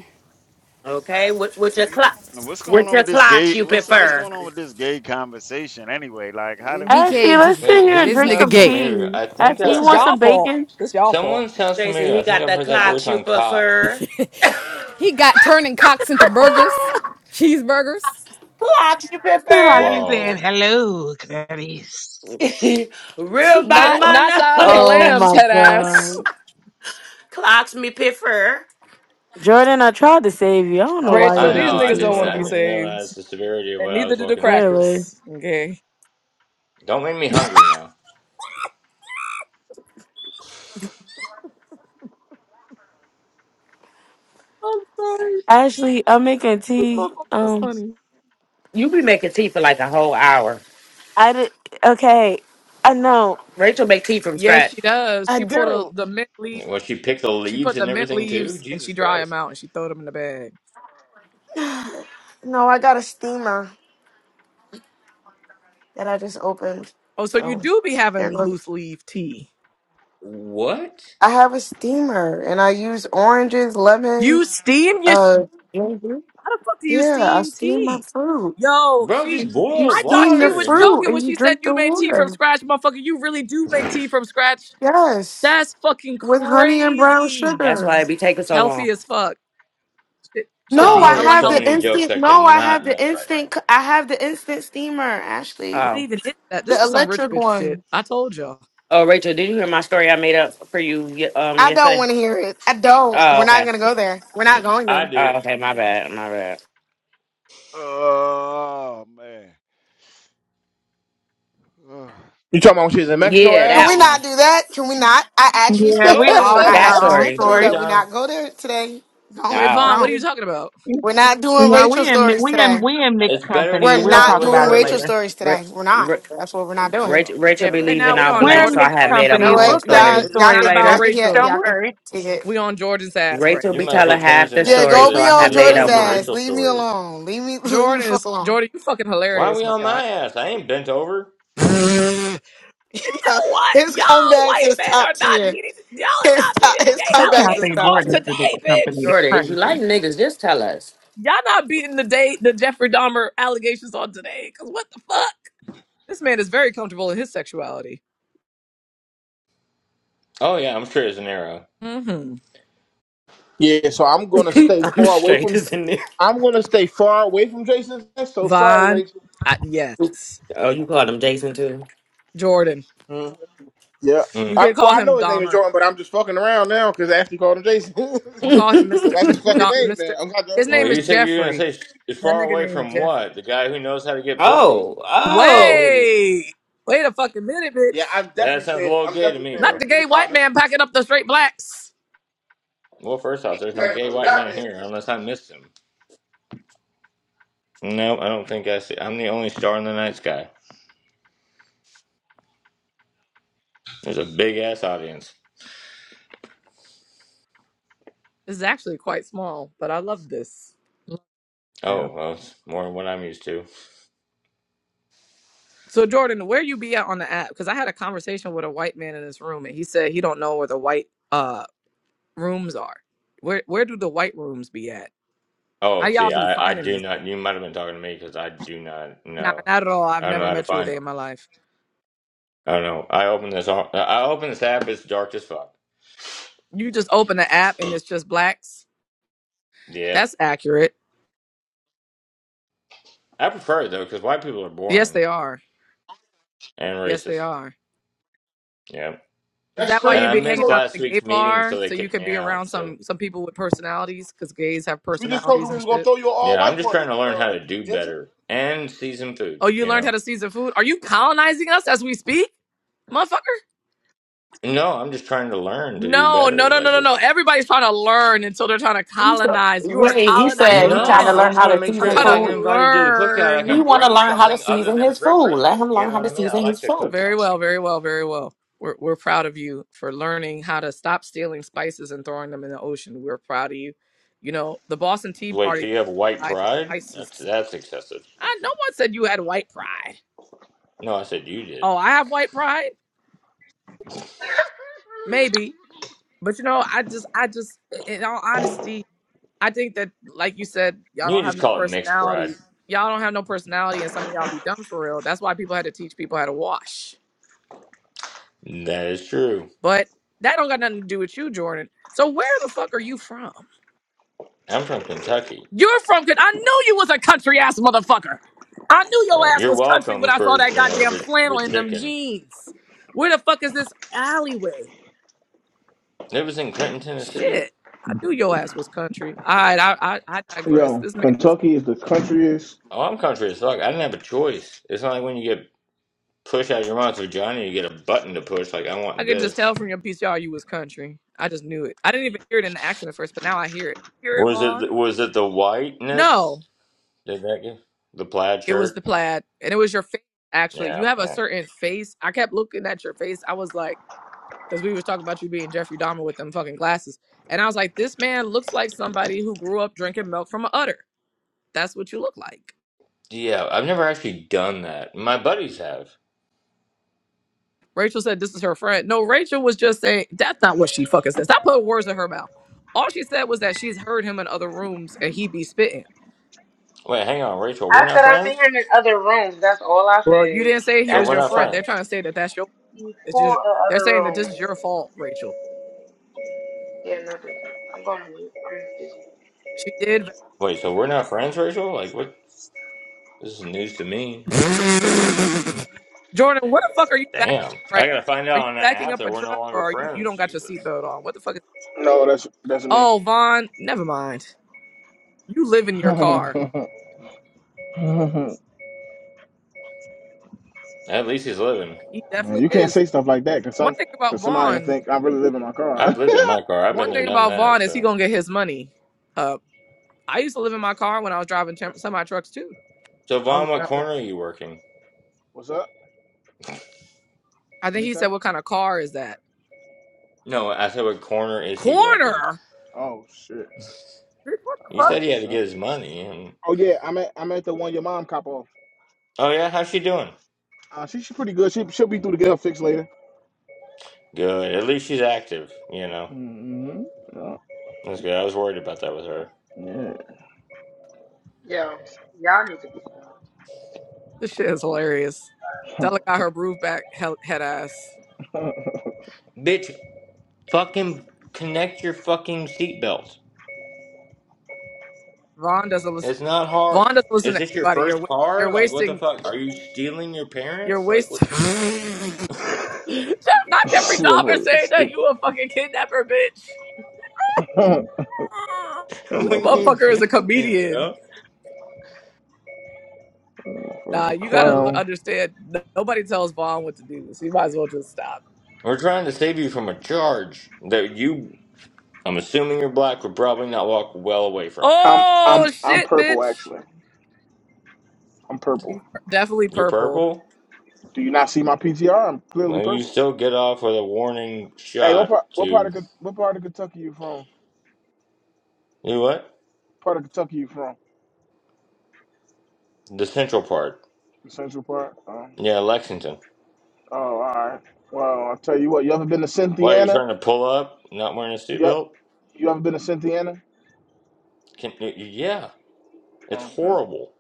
G: Okay, with with your clock,
F: And What's going
G: with
F: on
G: your
F: with this
G: clocks
F: gay?
G: you
F: What's what's
G: prefer.
F: going on with this gay conversation anyway? Like, how did we get
C: Ashley,
K: BK
F: here?
C: let's
K: just
C: sit
H: Wait,
C: here
H: who
C: and
K: this
C: drink
K: nigga
H: sounds
C: some
K: gay.
H: familiar?
C: tea.
H: I think
C: Ashley,
I: This
H: I,
C: you
I: is
C: want
H: I
I: y'all
C: some
I: fault.
C: bacon?
I: This y'all fault.
H: Someone sounds
G: Stacy,
H: familiar.
G: he
H: I think
G: got
H: I've
G: the
H: heard that voice
G: clocks you
H: on Cops.
G: prefer.
K: He got turning cocks into burgers, cheeseburgers.
G: Clocks me
J: Feel Like
G: Pifford.
J: he's
H: Whoa.
J: saying, hello, Clarice.
G: Real bad
I: Not
C: Yo.
G: man.
I: not
G: now.
I: size of the
C: Oh
I: lambs,
C: my
I: head ass.
C: god.
G: Clocks me Pifford.
C: Jordan, I tried to save you. I don't know
F: Oh
C: why you
H: I
I: Rachel,
F: man,
C: did
I: these
H: know.
F: what
C: this
H: I
F: the
C: to
I: niggas don't
H: didn't.
I: want
F: fuck?
I: to
H: I
I: be
C: yourself.
H: didn't
I: saved,
H: realize the severity of
I: and
H: what I
I: neither
H: was
I: do the
H: walking into.
C: Clearly.
I: crackers. Okay,
H: Don't make me hungry now.
I: I'm sorry.
C: Ashley, I'm making
I: This
C: tea.
I: motherfucker is
C: Um
I: funny.
G: You be making tea for like a whole hour.
C: I did okay. I know.
G: Rachel make tea from
I: Yes,
G: scratch.
I: she does.
C: I
I: She pulled a,
C: do.
I: the mint leaf.
H: Well, she picked the
I: She
H: leaves
I: put the
H: and
I: mint
H: everything too.
I: leaves and she
H: Jesus
I: dry them
H: Christ.
I: out and she throw them in the bag.
C: No, I got a steamer that I just opened.
I: Oh, so you
C: So
I: do be having
C: there goes
I: loose leaf tea.
H: What,
C: I have a steamer and I use oranges, lemon,
I: You steam your
C: uh ginger.
I: How the fuck do you
C: Yeah, I
I: steam
C: steam my
I: tea?
C: fruit.
I: Yo,
H: bro?
I: she.
H: Just
C: You you
H: boil
I: I thought
C: steam
I: she
C: the
H: water
I: was
H: and you.
C: fruit
I: joking when
C: and you
I: she said
C: drink the
I: you made tea from
C: water.
I: scratch, motherfucker. You really do make tea from scratch.
C: Yes.
I: That's fucking
C: With honey and brown
I: crazy.
G: That's
C: sugar.
G: why it be taking so long.
I: Healthy as fuck. Shit should
C: No,
I: be
H: Oh,
C: I
I: hella
H: there's
C: have
H: so
C: the
H: many
I: healthy.
H: jokes
C: instant
H: I
C: no, I have
H: cannot
C: the
H: make right now.
C: instant c- I have the instant steamer, Ashley.
I: What
G: Oh.
I: even is that? This
C: The
I: is some rich
C: electric
I: bitch shit.
C: one.
I: I told y'all.
G: Oh, Rachel, did you hear my story I made up for you ye- um
C: I don't
G: yesterday?
C: want to hear it. I don't.
G: Oh,
C: We're not
G: okay.
C: gonna go there. We're not going
H: I
C: there.
G: Oh,
H: do.
G: okay. My bad. My bad.
F: Oh man, Ugh.
A: You talking about when she was in Mexico,
G: Yeah,
C: Can
G: that
C: we
A: Ash?
G: one.
C: not do that? Can we not? I ask
J: Yeah, we
C: respectfully.
J: all had
C: I
G: That
H: Oh,
C: ask
J: our own
G: story.
C: respectfully
H: story
J: story.
C: that we
H: time.
C: not go there today.
I: Wait,
C: Don't
I: Vaughn,
G: Oh.
I: what are you
C: don't.
I: talking about?
J: You
C: We're
F: Uh,
C: not doing
J: know,
C: Rachel
J: we in, mi-
C: stories
J: we in,
C: today.
J: we in mixed
H: It's better to
J: company.
C: We're
H: get it
J: We'll
H: out of the
C: not
J: talk
H: way
C: doing
J: about it
C: Rachel
J: later.
H: early.
C: stories
G: Ra-
C: today. We're not.
G: Ra-
C: That's what we're not doing.
F: why
G: Rachel,
F: would you
G: Rachel
I: Yeah,
F: tell
G: be
I: right
G: leaving
I: now
F: anybody
I: we
G: out
F: that
I: on
J: We're
G: blank,
J: a
G: so
I: Jordan's
G: I
F: story?
J: mixed
G: had
I: ass.
G: made
C: You
G: up my
C: know
J: company.
G: own
J: We'll
C: what?
J: tell you the
C: Y'all
G: story.
I: But It's
C: y'all
J: story
I: not
C: can y'all
I: about
J: later.
C: can hear
J: Don't
I: racial.
C: y'all can
J: worry.
C: take it.
I: We on Jordan's ass right
G: Rachel
H: You
I: now.
G: be
H: might as well
G: telling
H: change
G: half
H: the
G: the
C: Yeah,
H: name to
G: story,
C: go
G: so
C: be
G: I
H: the to
C: on
G: had
H: the
G: made
C: Jordan's
G: up
H: room to
G: one.
C: ass.
H: Rachel
C: Leave me
H: Stories.
C: alone. Leave me leave me the
I: Jordan
C: fuck
I: is
C: alone.
I: Jordan. You fucking
H: Why are
I: hilarious,
H: we
I: my
H: on my ass? I ain't bent over.
I: guy.
C: You know,
I: What?
C: his
I: Y'all
C: comebacks
I: white
C: is
I: men are
C: top
I: not
C: tier.
I: beating, y'all are
C: His
I: not beating
C: top
I: the
C: his
I: gay
J: That
C: comebacks is
I: allegations
J: Cafe
C: top
I: on
J: Jordan is
C: tier.
J: the big
I: today,
J: company. It's
I: bitch.
G: Jordan, if you
J: crazy.
G: like niggas, just tell us.
I: Y'all not beating the day the Jeffrey Dahmer allegations on today. Cause what the fuck? This man is very comfortable in his sexuality.
H: Oh yeah, I'm sure it's an arrow.
I: Mm-hmm.
A: Yeah, so I'm gonna stay
G: I'm
A: far away
G: straight
A: from.
G: as a nigga.
A: I'm gonna stay far away from Jason. So sorry,
I: Von,
A: Rachel.
I: I, yes.
G: Oh, you called him Jason too?
I: Jordan.
A: Mhm. Yeah.
I: You
H: Mm.
A: I,
I: could
A: well,
I: call
A: I
I: him
A: know his name is
I: Dahmer.
A: Jordan, but I'm just fucking around now because Ashley called him Jason.
I: I'm gonna
A: so
I: call him Mr.
A: that's his
I: Mr.
A: fucking
I: Dom,
A: name
I: Mr.
A: now. I'm not
I: His
A: joking.
H: Well,
I: name is
H: you say you're gonna
I: Jeffrey.
H: say it's
I: That
H: far
I: nigga
H: away
I: named
H: from what?
I: Jeffrey.
H: The guy who knows how to get pussy?
G: oh, oh.
I: Wait. Wait a fucking minute,
A: Yeah,
I: bitch.
A: I'm definitely
H: That sounds a
A: staying.
H: little
A: I'm
H: gay to
A: definitely
H: me,
A: staying
I: Not
A: away
H: bro.
I: the
A: from you,
I: gay white
A: partner.
I: man packing up the straight blacks.
H: Well, first off,
A: Ain't
H: there's no
A: that no
H: gay white man
A: Goddamn,
H: here
A: thing.
H: unless I missed him. No, I don't think I see. I'm the only star in the night sky. There's a big ass audience.
I: This is actually quite small, but I love this. Yeah.
H: Oh, well, it's more than what I'm used to.
I: So Jordan, where you be at on the app? Because I had a conversation with a white man in this room, and he said he don't know where the white uh rooms are. Where where do the white rooms be at? How
H: Oh,
I: y'all
H: see,
I: be
H: I, I
I: finding
H: do
I: this? place?
H: not. You might have been talking to me because I do not
I: Nah,
H: know.
I: not at all. I've
H: I don't know
I: never
H: how to
I: met you a
H: find
I: day in
H: them.
I: my life.
H: I don't know. I open this. ar- I open this app. It's dark as fuck.
I: You just open the app and it's just blacks.
H: Yep.
I: That's accurate.
H: I prefer it though because white people are
I: Yes,
H: boring.
I: they are.
H: and
I: Yes, they
H: racist.
I: are.
H: Yeah.
I: Is
A: That's
I: that why
H: And
A: crazy.
I: you
H: I
A: We
I: be hanging
H: missed
A: told,
I: out at
H: last
I: the gay
H: week's meeting,
I: bar
H: so they
I: so you
H: kicked
I: could
H: me
I: be around
H: out. So
I: some some people with personalities? Because gays have
A: we just told you
I: personalities
A: we
I: and
A: was
I: shit.
A: gonna throw you an all
H: yeah, I'm
A: white
H: just
A: party,
H: trying to learn how
A: uh,
H: to do
A: Jason.
H: better and season food.
I: Oh, you
H: You
I: learned
H: know.
I: how to season food? Are you colonizing us as we speak, motherfucker?
H: No, I'm just trying to learn to do
I: No, no,
H: better.
I: no, no,
H: Like.
I: no, no. Everybody's trying to learn until they're trying to
G: He said-
I: colonize. You are
G: Wait, he said
I: colonizing
G: he
H: No,
G: trying to
I: us.
H: I
G: learn
H: just
G: how
H: want to
G: to
H: make
I: I'm
H: sure
G: season
I: trying
H: if
I: to
H: I get
G: food.
H: invited to the cookout, I
G: He
I: learn.
H: can
G: want to
H: bring
G: learn how to
H: something other
G: season
H: than
G: his food.
H: privilege.
G: Let him
H: You
G: learn
H: know
G: how
H: what
G: to
H: I mean? I
G: season
H: like
G: his
H: to
G: food.
H: cook
I: Very well,
H: something.
I: very well, very well. We're, we're proud of you for learning how to stop stealing spices and throwing them in the ocean. We're proud of you. You know, the Boston Tea
H: Wait, so
I: Party
H: you have white
I: lied to
H: pride? That's
I: spices.
H: that's excessive.
I: I, no one said you had white pride.
H: No, I said you did.
I: Oh, I have white pride? Maybe. But you know, I just, I just, in all honesty, I think that, like you said, y'all
H: You
I: don't
H: can
I: have
H: just
I: no
H: call it mixed pride.
I: personality. Y'all don't have no personality, and some of y'all be dumb for real. That's why people had to teach people how to wash.
H: That is true.
I: But that don't got nothing to do with you, Jordan. So where the fuck are you from?
H: I'm from Kentucky.
I: You're from? Cause I knew you was a country ass motherfucker. I knew your
H: Right.
I: ass
H: You're
I: was country
H: welcome
I: when I saw
H: for,
I: that
H: you know,
I: goddamn
H: the,
I: flannel
H: the
I: in them
H: chicken.
I: jeans. Where the fuck is this alleyway?
H: It was in Clinton,
I: Shit,
H: Tennessee.
I: I knew your ass was country. All right, I, I, I digress.
A: Yo,
I: This man is
A: Kentucky is the countryest.
H: Oh, I'm country as fuck. I didn't have a choice. It's not like when you get pushed out of your mom's vagina, you get a button to push, like, I
I: I
H: want
I: could just
H: this.
I: tell from your PCR you was country. I just knew it. I didn't even hear it in the accent at first, but now I hear it. Hear it,
H: Was it
I: Vaughn?
H: th- was it the whiteness?
I: No,
H: Did that give the plaid
I: it was
H: shirt?
I: the plaid, and it was your face. Actually, you
H: Yeah,
I: have a
H: yeah.
I: certain face. I kept looking at your face. I was like, because we was talking about you being Jeffrey Dahmer with them fucking glasses, and I was like, this man looks like somebody who grew up drinking milk from a udder. That's what you look like.
H: Yeah, I've never actually done that. My buddies have.
I: Rachel said this is her friend. No, Rachel was just saying that's not what she fucking said. Stop putting words in her mouth. All she said was that she's heard him in other rooms and he be spitting.
H: Wait, hang on, Rachel, we're not friends?
I: Well, you didn't say he
H: So
I: was
H: we're
I: your
H: not
I: friend. They're
H: friends.
I: trying to say that that's your. It's just, they're saying that this is your fault, Rachel. She did.
H: Wait, so we're not friends, Rachel? Like what this is news to me. I don't
I: Jordan, what the fuck are you backing
H: Damn.
I: up right?
H: I gotta find
I: now? Are you
H: out on the
I: backing
H: app
I: up
H: that
I: a
H: we're no
I: truck or
H: longer
I: are you? You
H: friends.
I: don't got your
H: Jesus.
I: seatbelt on. What the fuck is?
A: No, that's that's me.
I: Oh, Vaughn. Never mind. You live in your car.
A: Man,
H: At least he's living.
I: He definitely
A: you can't
I: is.
A: say stuff like that because
I: One
A: some
I: thing about
A: because somebody will
I: Vaughn.
A: think I really live in my car.
H: I've lived in my car. I've been
I: One
H: there,
I: thing
H: done
I: about
H: that.
I: Vaughn is he
H: So,
I: gonna get his money. Uh, I used to live
A: that's
I: in
A: a
I: my car when I was driving tem-
A: that's a
I: semi trucks too.
H: so
A: that's a
I: I was
H: Vaughn,
I: living
H: what
I: out
A: fact.
I: there.
H: corner are you working?
A: What's up?
I: I
A: What
I: think
A: do you
I: he
A: say?
I: said, "What kind of car is that?"
H: No, I said, what corner is he working?
I: Corner.
A: Oh shit.
I: Bitch, What the
H: You
I: fuck?
H: said
A: Oh
H: he had to
A: shit.
H: get his money. And
A: Oh yeah, I'm at I'm at the one your mom cop off.
H: oh yeah, how's she doing?
A: Uh, she she's pretty good. She she'll be through to get her fixed later.
H: Good. At least she's active. You know,
A: Yeah.
H: that's good. I was worried about that with her.
I: This shit is hilarious. Della got her groove back, hell- head ass.
H: Bitch, fucking connect your fucking seatbelt.
I: Vaughn doesn't listen.
H: It's not hard.
I: Vaughn doesn't listen
H: Is
I: to
H: this your
I: anybody. You're
H: first
I: wa- you're
H: car? Like, what the
I: wasting.
H: fuck? Are you stealing your
I: You're
H: parents? Like,
I: wasting.
H: what?
I: not Jeffrey
A: she
I: Dahmer
A: motherfucker
I: saying
A: is
I: that you
A: stupid.
I: a fucking kidnapper, bitch.
A: that
I: This
H: what
A: motherfucker,
H: you
I: motherfucker is a
H: doing,
I: comedian.
H: bro?
A: motherfucker's
I: Nah,
A: a
I: you gotta l-
A: clown.
I: understand. n- Nobody tells Vaughn what to do, so you might as well just stop.
H: We're trying to save you from a charge that you, I'm assuming you're black, would probably not walk well away from.
A: I'm I'm
I: Oh
A: I'm
I: shit,
A: purple
I: bitch.
A: actually. I'm purple.
I: He's pur- definitely
H: You're
I: purple.
H: purple?
A: Do you not see my PTR? I'm clearly
H: Well, you
A: purple.
H: still get off with a warning
A: Hey, what
H: shot
A: part
H: to,
A: what part
H: you
A: of Ken- what part of Kentucky you from?
H: know what?
A: part of Kentucky you from?
H: The central part.
A: The Central part. Oh,
H: Yeah, Lexington.
A: oh, all right. Well, I'll tell you what. You ever been to
H: Why are you
A: Cynthiana?
H: trying to pull up, not wearing a
A: Yep.
H: seatbelt?
A: You ever been to Cynthiana?
H: Can, y- yeah, it's
A: Okay.
H: horrible.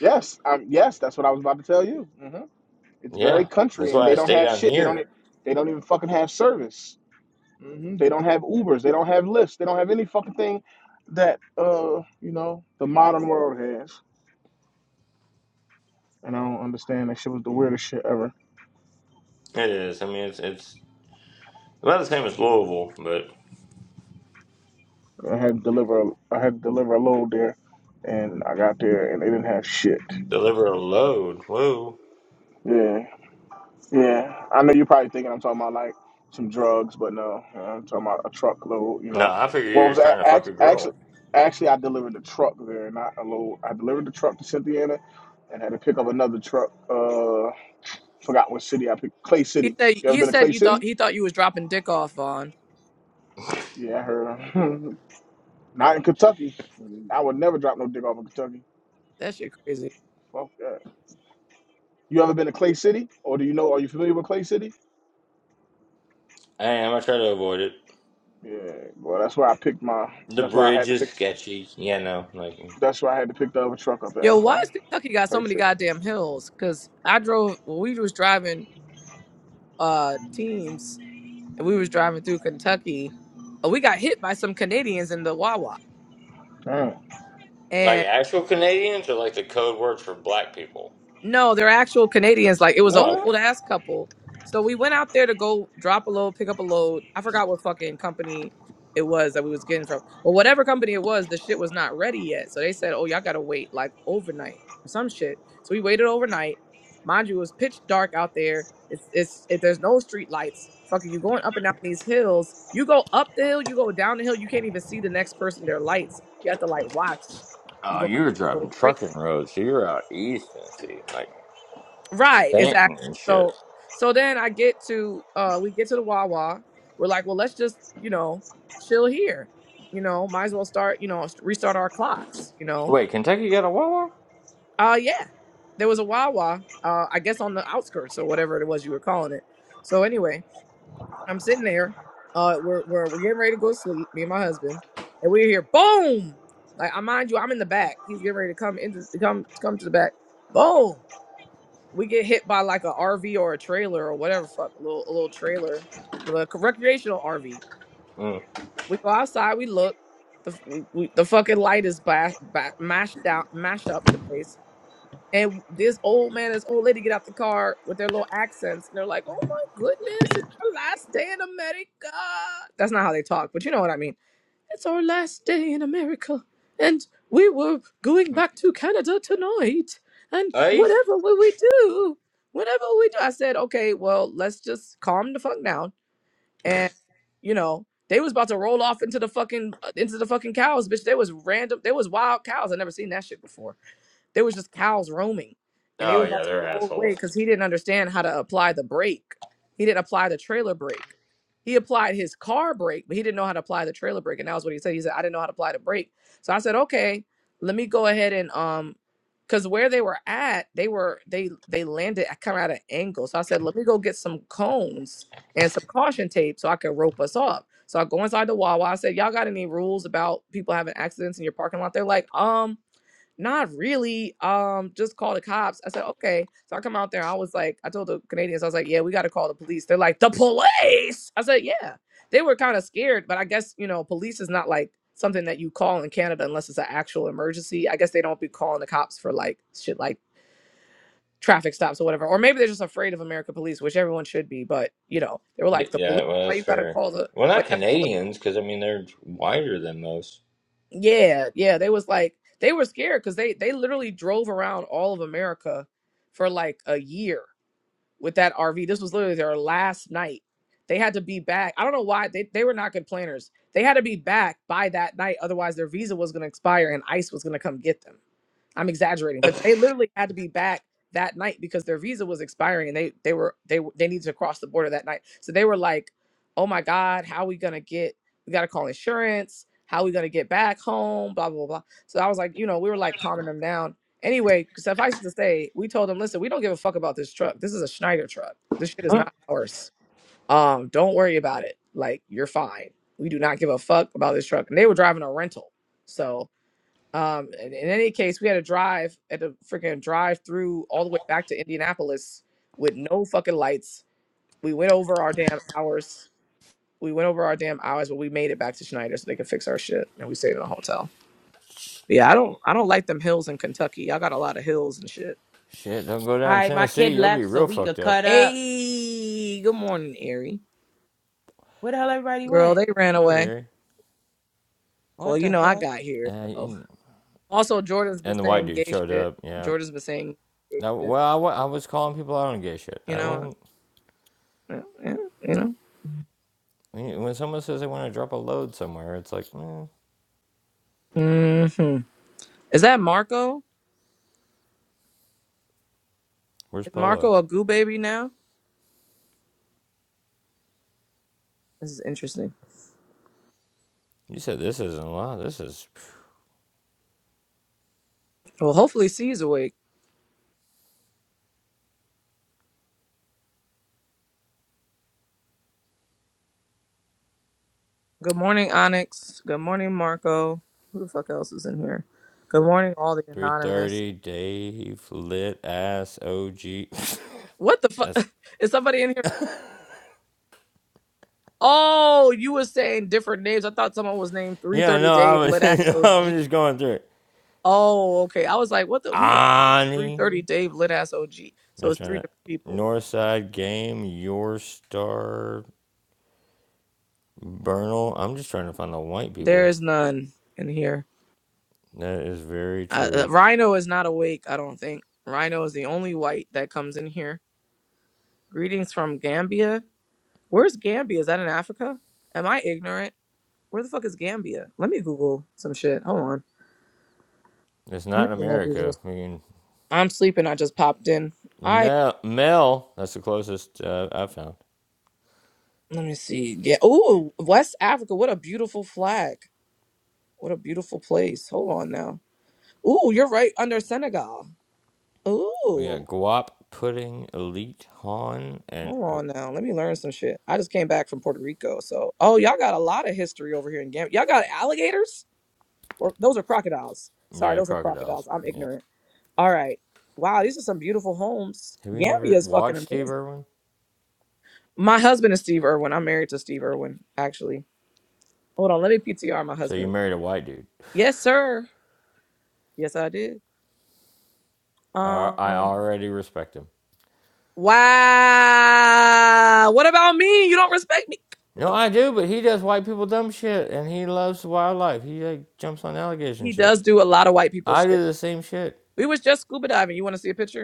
A: Yes. Um. Yes. That's what I was about to tell you. hmm It's very
H: Yeah,
A: country,
H: that's
A: and
H: why
A: they
H: I
A: don't
H: stay
A: have
H: down
A: shit. They don't.
H: here.
A: e- They don't even fucking have service. hmm They don't have Ubers. They don't have Lyfts. They don't have any fucking thing that uh you know the modern world has. And I don't understand. That shit was the weirdest shit ever.
H: It is. I mean, it's, it's about the same as Louisville, but
A: I had to deliver. I had to deliver a load there, and I got there, and they didn't have shit.
H: deliver a load. Whoa.
A: Yeah, yeah. I know you're probably thinking I'm talking about like some drugs, but no, uh, I'm talking about a truckload. You
H: No,
A: know,
H: I figured you
A: what
H: were
A: was
H: just trying to fuck a
A: actually actually
H: girl.
A: actually I delivered the truck there, not a load. I delivered the truck to Cynthia and had to pick up another truck. Uh, forgot what city I picked. Clay
I: He
A: City.
I: said.
A: You ever
I: He
A: been to
I: said
A: Clay
I: you thought
A: City?
I: he thought you was dropping dick off, Vaughn.
A: Yeah, I heard. not in Kentucky. I would never drop no dick off in Kentucky.
I: That shit crazy.
A: Fuck that. You ever been to Clay City, or do you know? Are you familiar with Clay City?
H: I am. I try to avoid it.
A: Yeah, well, that's where I picked my.
H: The
A: That's where I had
H: bridge
A: to
H: is
A: pick.
H: sketchy. Yeah, no, like
A: That's why I had to pick the other truck up at
I: Yo, why
A: from.
I: is Kentucky got so
A: Like
I: many
A: shit.
I: goddamn hills? Cause I drove when we was driving uh teams and we was driving through Kentucky, uh, we got hit by some Canadians in the Wawa.
A: Damn.
H: like actual Canadians are like the code words for black people.
I: No, they're actual Canadians. Like it was an
H: Oh,
A: What?
H: okay.
I: old ass couple. So we went out there to go drop a load, pick up a load. I forgot what fucking company it was that we was getting from. But whatever company it was, the shit was not ready yet. So they said, Oh, y'all gotta wait like overnight or some shit. So we waited overnight. Mind you, it was pitch dark out there. It's it's it, there's no street lights. Fucking you going up and down these hills. You go up the hill, you go down the hill, you can't even see the next person, their lights. You have to like watch. It's
H: Oh,
I: going up
H: you were
I: so
H: driving
I: great.
H: trucking roads, so you're out east Tennessee, like
I: Right, exactly.
H: Stanton and shit.
I: So so then I get to uh we get to the Wawa. We're like, well, let's just, you know, chill here. You know, might as well start, you know, st- restart our clocks, you know.
H: Wait, Kentucky got a Wawa?
I: Uh yeah. There was a Wawa, uh, I guess on the outskirts or whatever it was you were calling it. So anyway, I'm sitting there, uh we're we're we're getting ready to go to sleep, me and my husband, and we're here, boom! Like I mind you, I'm in the back. He's getting ready to come into come come to the back. Boom we get hit by like a RV or a trailer or whatever fuck a little a little trailer, like, a recreational RV.
H: Mm.
I: We go outside, we look, the we, we, the fucking light is ba- ba- mashed out, mashed up the place, and this old man, this old lady get out the car with their little accents, and they're like, "Oh my goodness, it's our last day in America." That's not how they talk, but you know what I mean. It's our last day in America, and we were going back to Canada tonight. And
H: Hey?
I: whatever will we do? Whatever we do, I said, okay, well, let's just calm the fuck down. And you know, they was about to roll off into the fucking into the fucking cows, bitch. There was random, there was wild cows. I never seen that shit before. There was just cows roaming, and they
H: Oh
I: was about
H: yeah,
I: to
H: they're
I: roll away
H: assholes.
I: because he didn't understand how to apply the brake. He didn't apply the trailer brake. He applied his car brake, but he didn't know how to apply the trailer brake. And that was what he said. He said, "I didn't know how to apply the brake." So I said, "Okay, let me go ahead and um." Cause where they were at, they were they they landed kind of at an angle. So I said, "Let me go get some cones and some caution tape so I could rope us off. So I go inside the Wawa. I said, Y'all got any rules about people having accidents in your parking lot? They're like, um, not really. Um, just call the cops. I said, okay. So I come out there. I was like, I told the Canadians, I was like, yeah, we got to call the police. They're like, the police. I said, yeah. They were kind of scared, but I guess you know, police is not like something that you call in Canada unless it's an actual emergency. I guess they don't be calling the cops for like shit like traffic stops or whatever. Or maybe they're just afraid of American police, which everyone should be. But you know, they were
H: Y-
I: like, the police.
H: Yeah, well
I: Why
H: that's
I: you gotta
H: fair.
I: call the?
H: Well,
I: Why you
H: not
I: gotta call the
H: Canadians, because I mean they're whiter than most.
I: Yeah, yeah, they was like they were scared because they they literally drove around all of America for like a year with that RV. This was literally their last night. They had to be back. I don't know why they they were not good planners. They had to be back by that night, otherwise their visa was going to expire and ICE was going to come get them. I'm exaggerating, but they literally had to be back that night because their visa was expiring and they they were they w- they needed to cross the border that night. So they were like, "Oh my god, how we going to get we got to call insurance. How we going to get back home, blah blah blah." So I was like, you know, we were like calming them down. Anyway, suffice it to say, we told them, "Listen, we don't give a fuck about this truck. This is a Schneider truck. This shit is not ours. Um, don't worry about it. Like, you're fine. We do not give a fuck about this truck." And they were driving a rental. So um, in, in any case, we had a drive at a freaking drive through all the way back to Indianapolis with no fucking lights. We went over our damn hours. We went over our damn hours, but we made it back to Schneider so they could fix our shit, and we stayed in a hotel. But yeah, I don't, I don't like them hills in Kentucky. Y'all got a lot of hills and shit.
H: Shit, don't go down to
B: right. My
H: Tennessee.
B: kid
H: You'll be
B: left so
H: real
B: we
H: fucked
B: could
H: up.
B: cut up.
I: Hey, good morning, Erie
B: Where the hell everybody
I: girl.
B: went?
I: They ran
H: Hi,
I: away.
H: Mary.
I: Well,
B: What
I: you
B: the
I: know I
B: fuck?
I: got here.
H: Yeah,
I: So
H: you-
I: also, Jordan's been
H: and the white
I: saying
H: dude
I: gay
H: showed
I: shit.
H: up. Yeah.
I: Jordan's been saying gay
H: Now,
I: shit.
H: well, I, wa- I was calling people out on gay shit.
I: You
H: I
I: know,
H: wasn't.
I: yeah, yeah, you know.
H: When when someone says they want to drop a load somewhere, it's like, eh,
I: Mm-hmm. Is that Marco?
H: where's
I: Is
H: Polo?
I: Marco a goo baby now? This is interesting.
H: You said this isn't a lot. This is
I: Well, hopefully C's awake. Good morning, Onyx. Good morning, Marco. Who the fuck else is in here? Good morning, all the anonymous.
H: 330 Dave lit ass OG.
I: What the fuck?
H: That's
I: Is somebody in here? Oh, you were saying different names. I thought someone was named
H: yeah.
I: 330
H: No, I
I: Dave Lit
H: was. I
I: Ass OG.
H: was just going through it.
I: Oh, okay. I was like, what the? Who the fuck is
H: Ani.
I: 330 Dave Lit Ass OG? So
H: They're
I: it's
H: trying
I: three
H: to.
I: different people.
H: Northside game, your star, Bernal. I'm just trying to find the white
I: There
H: people.
I: is none in here.
H: That is very
I: Uh, uh,
H: true.
I: Rhino is not awake, I don't think. Rhino is the only white that comes in here. Greetings from Gambia. Where's Gambia? Is that in Africa? Am I ignorant? Where the fuck is Gambia? Let me Google some shit. Hold on.
H: It's
I: Let
H: not
I: me
H: in
I: do my Googles.
H: America. I mean,
I: I'm sleeping. I just popped in. I
H: Mel, Mel that's the closest uh, I've found.
I: let me see. Yeah. Ooh, West Africa. What a beautiful flag. What a beautiful place. Hold on now. Ooh, you're right under Senegal.
H: We
I: Ooh.
H: got guap, pudding, elite, han, and
I: Hold
H: oh,
I: on now. Let me learn some shit. I just came back from Puerto Rico. So, oh, y'all got a lot of history over here in Gambia. Y'all got alligators? Or those are crocodiles. Sorry,
H: yeah,
I: those are
H: crocodiles.
I: crocodiles. I'm
H: Yeah.
I: ignorant. All right. Wow, these are some beautiful homes.
H: Have you
I: Gambia
H: never
I: is fucking
H: watched Steve
I: amazing.
H: Irwin?
I: My husband is Steve Irwin. I'm married to Steve Irwin, actually. Hold on, let me PTR my
H: So you
I: husband.
H: married a white dude.
I: Yes, sir. Yes, I did.
H: I I
I: Um,
H: already respect him.
I: wow. What about me? You don't respect me. Get
H: No,
I: the-
H: I do, but he does white people dumb shit, and he loves wildlife. He like jumps on alligators and
I: He
H: shit.
I: does do a lot of white people
H: I
I: shit.
H: do the same shit.
I: We was just scuba diving. You want to see a picture?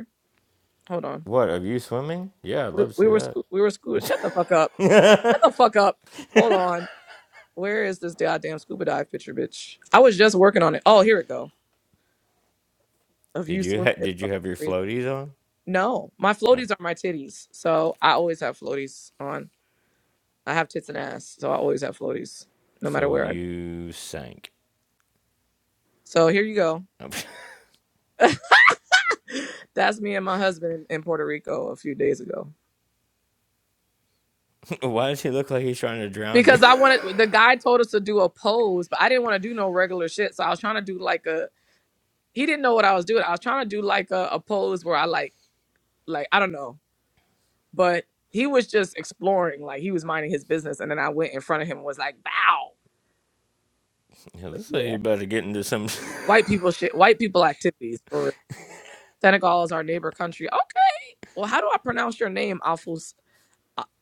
I: Hold on.
H: What? Are you swimming? Yeah, I'd
I: We,
H: love to see
I: we were
H: that.
I: scu- we were scuba. Shut the fuck up. Shut the fuck up. Hold on. Where is this goddamn scuba dive picture, bitch? I was just working on it. Oh, here it go. Of you
H: Did you
I: swimming.
H: ha-
I: is
H: did you
I: fucking
H: have your
I: crazy.
H: floaties on?
I: No, my
H: No.
I: floaties are my titties. So I always have floaties on. I have tits and ass, so I always have floaties, no matter
H: So
I: where I go.
H: you sank.
I: So here you go. That's me and my husband in, in Puerto Rico a few days ago.
H: Why does he look like he's trying to drown you?
I: Because I wanted the guy told us to do a pose, but I didn't want to do no regular shit. So I was trying to do like a he didn't know what I was doing. I was trying to do like a, a pose where I like like I don't know, but he was just exploring, like he was minding his business, and then I went in front of him and was like bow.
H: yeah,
I: But
H: looks like he's
I: yeah,
H: about to get into some.
I: white people shit, white people activities for real. Senegal is our neighbor country. Okay, well, how do I pronounce your name, Alfus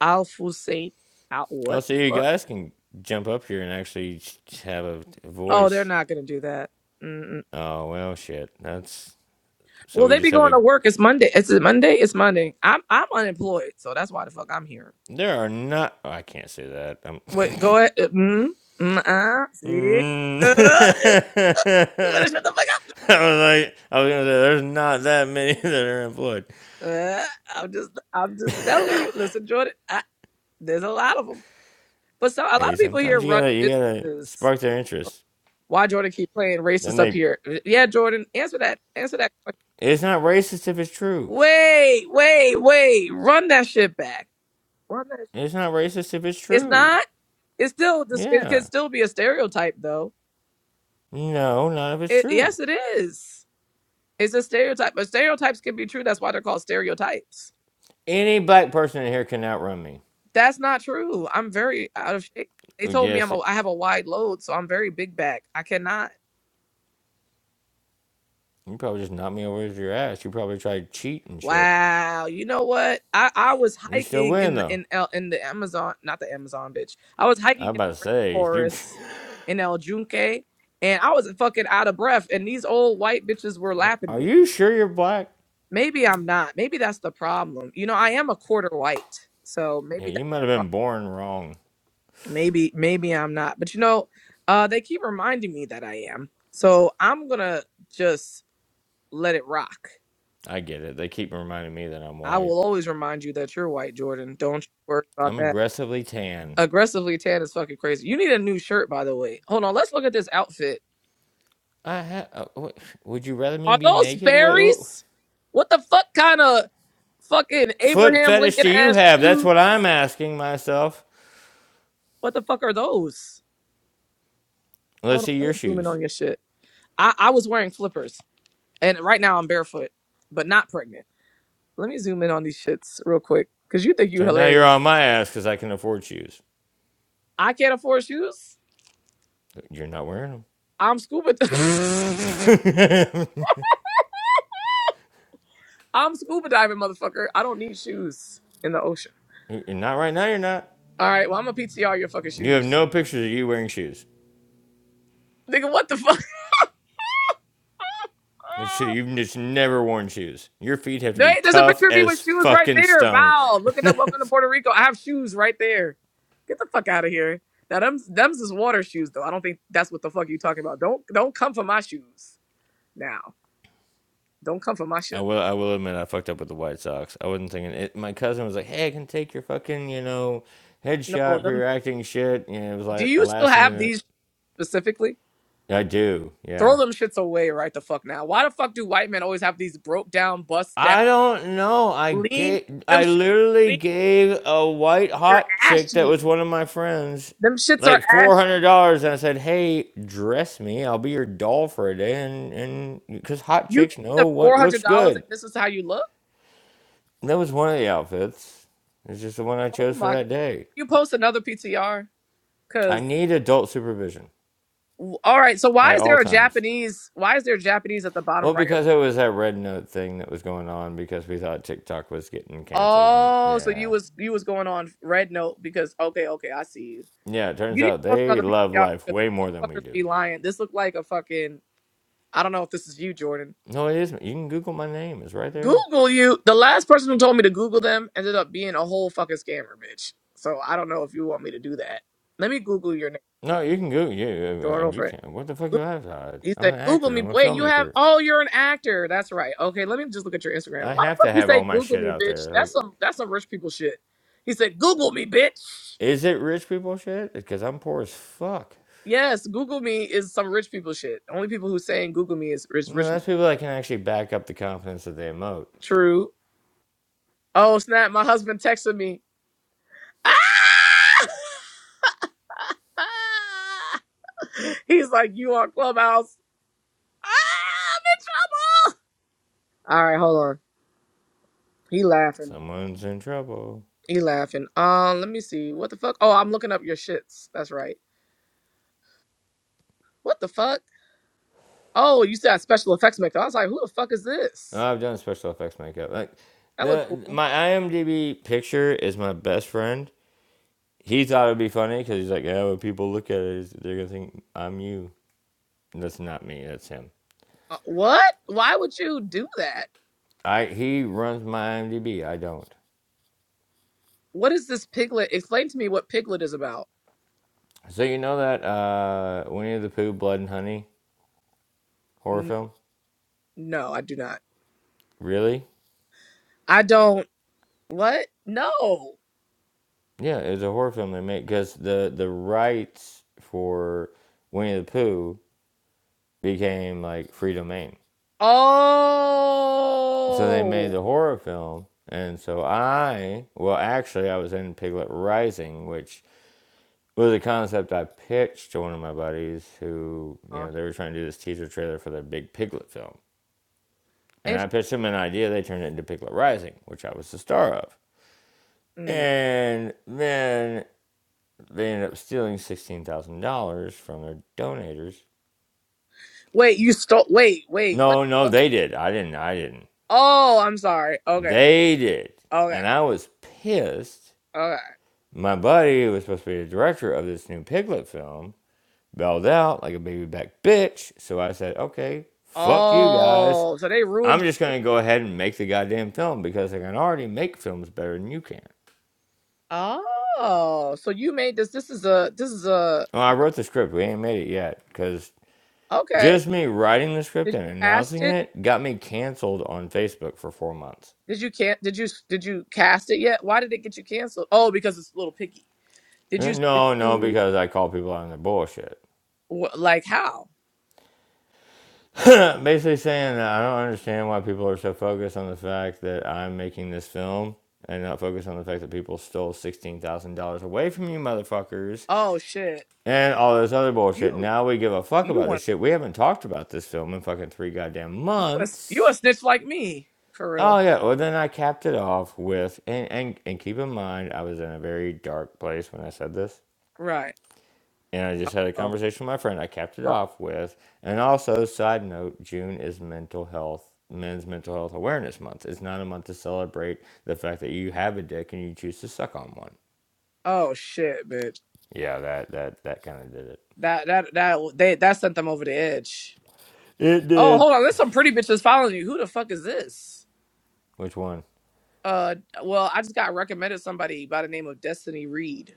I: Alfusate? Al
H: oh,
I: what? the
H: so you
I: fuck?
H: guys can jump up here and actually have a
I: Oh, they're
H: voice.
I: not gonna do that. Mm-mm.
H: Oh well, shit. That's so
I: Well,
H: we
I: they
H: just
I: be
H: have
I: going
H: a.
I: to work. It's Monday. It's Monday. It's Monday. I'm I'm unemployed, so that's why the fuck I'm here.
H: There are not. oh, I can't say that. I'm.
I: Wait, go ahead. Uh, Mm, mm, uh, see?
H: Mm.
I: Uh, you better shut the fuck up.
H: I was like, I was gonna say, there's not that many that are employed.
I: Uh, I'm just, I'm just telling you. Listen, Jordan, I, there's a lot of them. But so, a lot of
H: Hey,
I: people here
H: sometimes you
I: run
H: gotta, you gotta
I: businesses.
H: spark their interest.
I: Why Jordan keep playing
H: Then
I: racist up
H: they,
I: here? Uh, Yeah, Jordan, answer that. Answer that question.
H: it's not racist if it's true.
I: Wait, wait, wait. Run that shit back. Run that.
H: It's not racist if it's
I: It's
H: true.
I: not. It's still. This. It
H: Yeah.
I: can still be a stereotype, though.
H: No, none of it's
I: It, yes,
H: true.
I: it is. It's a stereotype, but stereotypes can be true. That's why they're called stereotypes.
H: Any black person in here can outrun me.
I: That's not true. I'm very out of shape. They told me I'm
H: Yes,
I: a,
H: it,
I: I have a wide load, so I'm very big back. I cannot.
H: you probably just knocked me over with your ass. You probably tried to cheat and shit.
I: Wow. You know what? I, I was
H: You still
I: hiking
H: win
I: in the,
H: though.
I: in El, in the Amazon, not the Amazon, bitch. I was
H: I
I: hiking
H: was
I: in
H: about to
I: the
H: say, you,
I: rainforest in El Junque, and I was fucking out of breath. And these old white bitches were lapping
H: are
I: me.
H: you sure you're black?
I: Maybe I'm not. Maybe that's the problem. You know, I am a quarter white, so
H: Yeah,
I: maybe
H: you
I: that's
H: might have
I: the
H: been born wrong.
I: maybe maybe i'm not but you know uh they keep reminding me that i am so i'm gonna just let it rock
H: I get it. They keep reminding me that I'm
I: i
H: white.
I: will always remind you that you're white jordan don't you worry about
H: I'm
I: that
H: aggressively tan.
I: aggressively tan is fucking crazy you need a new shirt by the way hold on let's look at this outfit
H: I ha- uh, wh- would you rather me
I: are
H: be
I: those
H: naked? What, what
I: fairies what the fuck kind of fucking
H: foot
I: abraham
H: fetish
I: lincoln
H: do you
I: ass
H: have? That's what
I: shoes
H: I'm asking myself.
I: what the fuck are those hold
H: Let's
I: on
H: see
I: let me
H: your
I: zoom in
H: shoes.
I: on your shit i i was wearing flippers and right now i'm barefoot but not pregnant Let me zoom in on these shits real quick because you think you
H: So now you're
I: hilarious.
H: on my ass because I can afford shoes.
I: I can't afford shoes.
H: You're not wearing
I: I'm scuba.
H: them.
I: I'm scuba diving, motherfucker. I don't need shoes in the ocean.
H: you're not right now. You're not.
I: All right, well I'm gonna PTR your fucking
H: You have
I: shoes,
H: no pictures of you wearing shoes.
I: nigga. What the fuck?
H: Like, You've just never worn shoes. Your feet have to be
I: They, there's a
H: tough
I: picture of me
H: as
I: with shoes right
H: fucking
I: there.
H: stone.
I: Bow. Look at that. Welcome to Puerto Rico. I have shoes right there. Get the fuck out of here. Now them's them's is water shoes though. I don't think that's what the fuck you talking about. Don't don't come for my shoes now. Don't come for my shit.
H: I will. I will admit I fucked up with the White Sox. I wasn't thinking. It, my cousin was like, "Hey, I can take your fucking you know
I: No,
H: headshot for
I: them.
H: your acting shit." And it was
I: Do
H: like
I: you still
H: last
I: have
H: minute.
I: these specifically?
H: I do. Yeah.
I: Throw them shits away right the fuck now. Why the fuck do white men always have these broke down, bust down,
H: I don't know. I
I: lean?
H: gave,
I: Them
H: I
I: shits,
H: literally
I: lean.
H: gave a white
I: You're
H: hot chick that
I: ashy.
H: was one of my friends
I: Them shits are
H: like four
I: ashy.
H: hundred dollars, and I said, "Hey, dress me. I'll be your doll for a day." And and because hot
I: You
H: chicks
I: gave them
H: know what
I: four hundred
H: looks
I: dollars,
H: good.
I: and this is how you look.
H: That was one of the outfits. It's just the one I
I: Oh
H: chose for
I: my god.
H: that day.
I: You post another PTR,
H: I
I: cause
H: need adult supervision
I: all right. So why
H: at
I: is
H: all
I: there a
H: times.
I: Japanese? Why is there Japanese at the
H: Well,
I: bottom right of
H: because it
I: your?
H: was that red note thing that was going on because we thought TikTok was getting canceled. And
I: Oh, so you
H: yeah.
I: was you was going on red note because okay, okay, I see you.
H: Yeah, it turns
I: You need to
H: out
I: post
H: they
I: another
H: love
I: PCR
H: life
I: because
H: way more than we
I: motherfuckers
H: do.
I: be lying. This looked like a fucking. I don't know if this is you, Jordan.
H: No, it isn't. You can Google my name. It's right there.
I: Google you. The last person who told me to Google them ended up being a whole fucking scammer, bitch. So I don't know if you want me to do that. Let me Google your name,
H: No, you can Google you,
I: Jordan.
H: and you
I: Over it.
H: can't. What the fuck do
I: Goo-
H: I have to hide?
I: He
H: I'm
I: said,
H: an
I: "Google
H: actor.
I: me."
H: I'm a
I: Wait, you have?
H: filmmaker.
I: Oh, you're an actor. That's right. Okay, let me just look at your Instagram.
H: I
I: Why the
H: have
I: fuck
H: to
I: you
H: have
I: say
H: all my
I: Google
H: shit
I: me,
H: out there.
I: bitch? That's
H: Like,
I: some. That's some rich people shit. He said, "Google me, bitch."
H: is it rich people shit? Because I'm poor as fuck.
I: Yes, Google me is some rich people shit. Only people who saying Google me is is
H: You know,
I: rich.
H: that's people that can actually back up the confidence that they emote.
I: True. Oh snap! My husband texted me. Ah! He's like, "You on Clubhouse? Ah, I'm in trouble." All right, hold on. He laughing.
H: Someone's in trouble.
I: He laughing. Um, let me see. What the fuck? Oh, I'm looking up your shits. That's right. What the fuck? Oh, you said special effects maker. I was like, "Who the fuck is
H: No,
I: this?"
H: I've done special effects makeup. Like,
I: That look
H: the
I: cool.
H: my IMDb picture is my best friend. He thought it'd be funny because he's like, "Yeah, when people look at it, they're gonna think I'm you." And that's not me. That's him.
I: Uh, what? Why would you do that?
H: I he runs my IMDb. I don't.
I: What is this piglet? Explain to me what piglet is about.
H: So you know that uh, Winnie the Pooh, Blood and Honey horror
I: No,
H: film?
I: no, I do not.
H: Really?
I: I don't. What? No.
H: Yeah, it was a horror film they made because the the rights for Winnie the Pooh became like free domain. So they made
I: Oh,
H: the horror film, and so I well actually I was in Piglet Rising, which was a concept I pitched to one of my buddies who you know they were trying to do this teaser trailer for their big Piglet film And I
I: interesting.
H: pitched them an idea. They turned it into Piglet Rising, which I was the star of. And then they ended up stealing sixteen thousand dollars from their donors.
I: Wait, you stole. Wait, wait. What?
H: No, no,
I: the-
H: they did. I didn't. I didn't.
I: Oh, I'm sorry. Okay,
H: They did.
I: okay,
H: And I was pissed.
I: okay.
H: My buddy, who was supposed to be the director of this new Piglet film, bailed out like a baby back bitch. So I said, okay, fuck you guys.
I: Oh, so they ruined.
H: I'm just going to go ahead and make the goddamn film because I can already make films better than you can.
I: Oh, so you made this. This is a. This is a.
H: Well, I wrote the script. We ain't made it yet because
I: Okay.
H: just me writing the
I: Did
H: script
I: you
H: and
I: cast
H: announcing
I: it?
H: it got me canceled on Facebook for four months.
I: Did you can Did you did you cast it yet? Why did it get you canceled? Oh, because it's a little picky. Did
H: Uh,
I: you did
H: No, no,
I: you
H: because I call people out on their bullshit.
I: wh- like how?
H: Basically saying that I don't understand why people are so focused on the fact that I'm making this film and not focused on the fact that people stole $16,000 away from you motherfuckers
I: Oh shit!
H: and all this other bullshit.
I: You
H: Now we give a fuck
I: you
H: about
I: want.
H: this shit. We haven't talked about this film in fucking three goddamn
I: You a, you
H: months.
I: a snitch like me, for real.
H: Oh yeah, well then I capped it off with and, and and keep in mind I was in a very dark place when I said this.
I: Right.
H: And I just had a
I: Oh,
H: conversation with my friend. I capped it
I: oh,
H: off with and also side note, June is mental health men's mental health awareness month. It's not a month to celebrate the fact that you have a dick and you choose to suck on one.
I: oh, shit, bitch.
H: Yeah, that that that kinda did it.
I: That that that they that sent them over the edge.
H: It
I: Oh,
H: did.
I: hold on. There's some pretty bitches following you. Who the fuck is this?
H: Which one?
I: Uh, well, I just got recommended somebody by the name of Destiny Reed.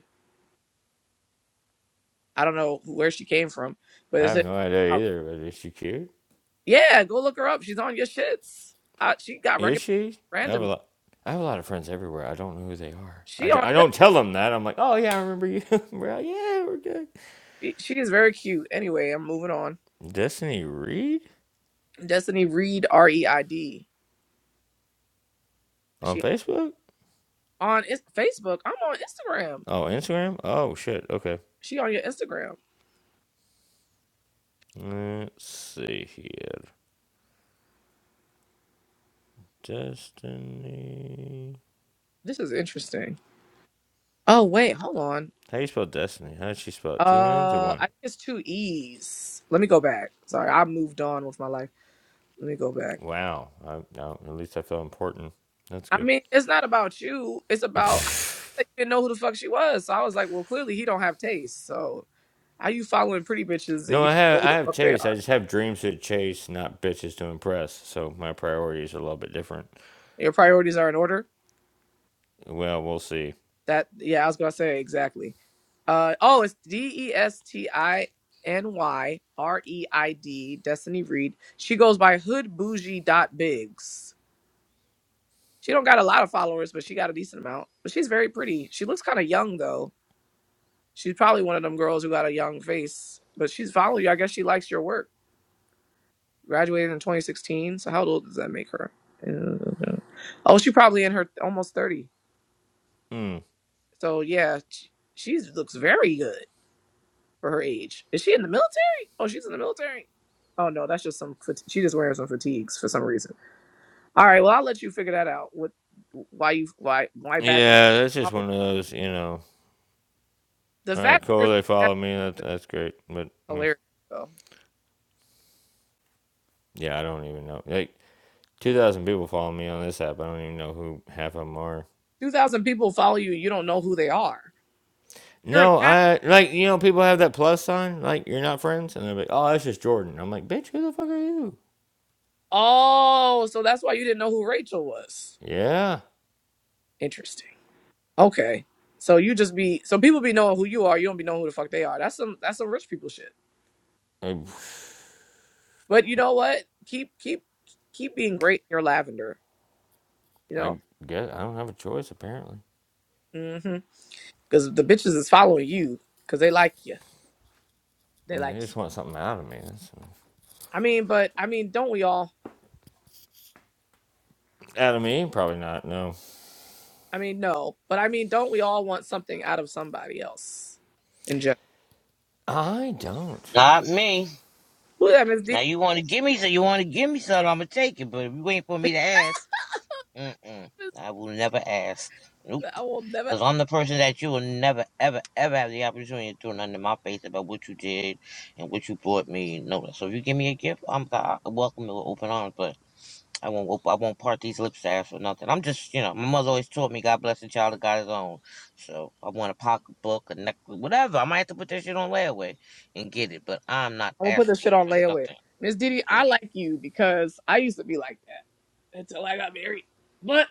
I: I don't know where she came from, but
H: I
I: it's
H: have no idea
I: oh,
H: either, but is she cute?
I: yeah. Go look her up. She's on your shits. I, she got
H: Is
I: recommended
H: she? I have a
I: randomly.
H: lot. I have a lot of friends everywhere. I don't know who they are.
I: She
H: I,
I: on
H: I
I: your
H: don't
I: shit.
H: tell them that. I'm like, oh yeah, I remember you. yeah, we're good.
I: She, she is very cute. Anyway, I'm moving on.
H: Destiny Reed
I: Destiny Reed, R E I D.
H: on
I: She.
H: Facebook.
I: on Ins- Facebook. I'm on Instagram.
H: Oh, Instagram. Oh shit. Okay.
I: She on your Instagram.
H: Let's see here. Destiny.
I: This is interesting. Oh wait, hold on.
H: How do you spell Destiny? How did she spell it? Two N's or
I: Uh,
H: one?
I: I think it's two E's. Let me go back. Sorry, I moved on with my life. Let me go back.
H: Wow. I, no, at least I feel important. That's
I: I
H: good.
I: mean, it's not about you. It's about I didn't know who the fuck she was. So I was like, well, clearly he don't have taste. So how you following pretty bitches and
H: no,
I: you
H: I
I: don't know
H: have
I: who
H: I
I: the
H: have
I: fuck they
H: Chase. I
I: are?
H: just have dreams to chase, not bitches to impress. So my priorities are a little bit different.
I: Your priorities are in order.
H: Well, we'll see.
I: That yeah, I was gonna say exactly. Uh oh, it's D E S T I N Y R E I D Destiny Reed. She goes by Hood Bougie dot Bigs. She don't got a lot of followers, but she got a decent amount. But she's very pretty. She looks kind of young though. She's probably one of them girls who got a young face. But she's following you. I guess she likes your work. Graduated in 2016. So how old does that make her? Uh, Oh, she probably in her almost 30.
H: Hmm.
I: So yeah, she she's, looks very good. for her age. Is she in the military? Oh, she's in the military. Oh no, that's just some. fat- She just wearing some fatigues for some reason. All right, well I'll let you figure that out. What? Why you? Why? Why bad?
H: Yeah, that's just one of those, you know.
I: The
H: All right,
I: fact that you're
H: cool.
I: so
H: They
I: bad
H: follow me. That,
I: is
H: that's great. But mm,
I: hilarious though.
H: yeah, I don't even know. Like two thousand people follow me on this app. I don't even know who half of them are.
I: Two thousand people follow you. You don't know who they are. You're an
H: No,
I: act.
H: I like you know people have that plus sign. Like you're not friends, and they're like, oh, that's just Jordan. I'm like, bitch, who the fuck are you?
I: Oh, so that's why you didn't know who Rachel was.
H: Yeah,
I: Interesting. Okay. So you just be so people be knowing who you are. You don't be knowing who the fuck they are. That's some that's some rich people shit.
H: I,
I: But you know what? Keep keep keep being great in your lavender. You
H: I
I: know,
H: guess I don't have a choice apparently.
I: mm-hmm. because the bitches is following you because they like you. They
H: They
I: like.
H: just
I: You.
H: want something out of me. That's,
I: I mean, but I mean, don't we all?
H: out of me, probably not. No,
I: I mean, no, but I mean, don't we all want something out of somebody else in general?
H: I don't.
E: Not me.
I: Ooh, that Miss
E: Now
I: Didi,
E: you want to give me so you want to give me something. I'ma take it. But if you wait for me to ask, mm-mm, I will never ask. Nope.
I: I will never.
E: Because I'm the person that you will never, ever, ever have the opportunity to throw nothing in my face about what you did and what you brought me. No, so if you give me a gift, I'm I welcome it with open arms. But I won't, op- I won't part these lips to ask for nothing. I'm just, you know, my mother always taught me, God bless the child that got his own. So I want a pocketbook, a necklace, whatever. I might have to put that shit on layaway and get it. But I'm not
I: I will put this shit
E: asking
I: on
E: for
I: layaway.
E: nothing.
I: Miss Didi,
E: Yeah.
I: I like you because I used to be like that until I got married. But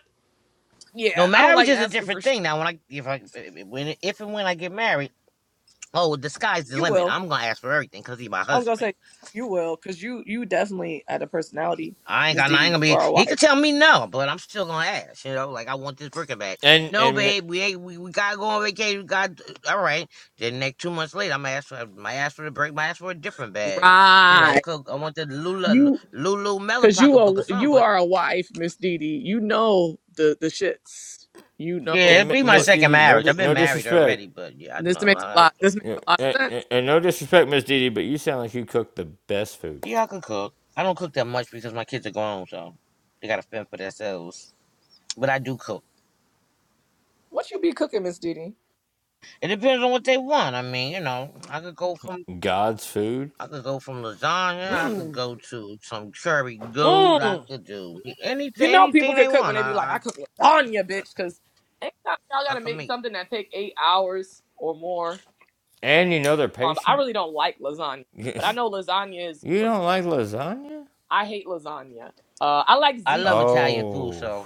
I: yeah,
E: No,
I: I don't
E: marriage
I: like
E: is a
I: asking for
E: different
I: shit.
E: thing. Now, when I if I if- when if and when I get married, oh, the sky's the
I: You
E: limit.
I: will.
E: I'm gonna ask for everything because he's my
I: I was gonna
E: husband.
I: say you will, cause you you definitely had a personality,
E: I ain't
I: Miss
E: got. I ain't
I: Didi.
E: gonna
I: You
E: be.
I: are a
E: He
I: wife,
E: could tell me no, but I'm still gonna ask. You know, like I want this freaking back.
H: And
E: No,
H: and
E: babe, we ain't. We, we gotta go on vacation. We got all right. Then next two months later, I'm gonna ask for my ask for the break. My ask for a different bag. You know,
I: Right.
E: cook. I want the Lula
I: you
E: Lulu Melon
I: cause you
E: pocketbook or
I: are
E: something.
I: you
E: But
I: are a wife, Miss Didi. You know the the shits. You know
E: yeah,
H: Yeah,
E: it'd
I: what
E: be my
I: the fuck.
H: Miss
E: second
H: Didi, no,
E: marriage. I've been
H: no
E: married
H: disrespect,
E: already, but yeah, I
I: This
E: know.
I: makes a
E: I,
I: lot. This makes
H: Yeah,
I: a lot
H: and,
I: of
H: and-
I: sense.
H: no disrespect, Miss Didi, but you sound like you cook the best food,
E: yeah, I can cook. I don't cook that much because my kids are grown, so they gotta fend for themselves. But I do cook.
I: What you be cooking, Miss Didi?
E: It depends on what they want. I mean, you know, I could go from
H: God's food,
E: I could go from lasagna. I could
I: Mm,
E: go to some cherry gold. I
I: mm.
E: could do
I: You
E: anything,
I: know people
E: anything they
I: could cook when
E: want.
I: they be like, I
E: I,
I: cook lasagna, bitch. Cause anytime y'all
E: I, I
I: gotta
E: could
I: make
E: make.
I: something that take eight hours or more.
H: and you know they're
I: Um, I
H: patient.
I: really don't like lasagna,
H: you
I: but I know lasagna is.
H: don't like lasagna?
I: I hate lasagna. Uh, I like
E: I love
I: ziti.
E: Italian food,
H: Oh,
E: so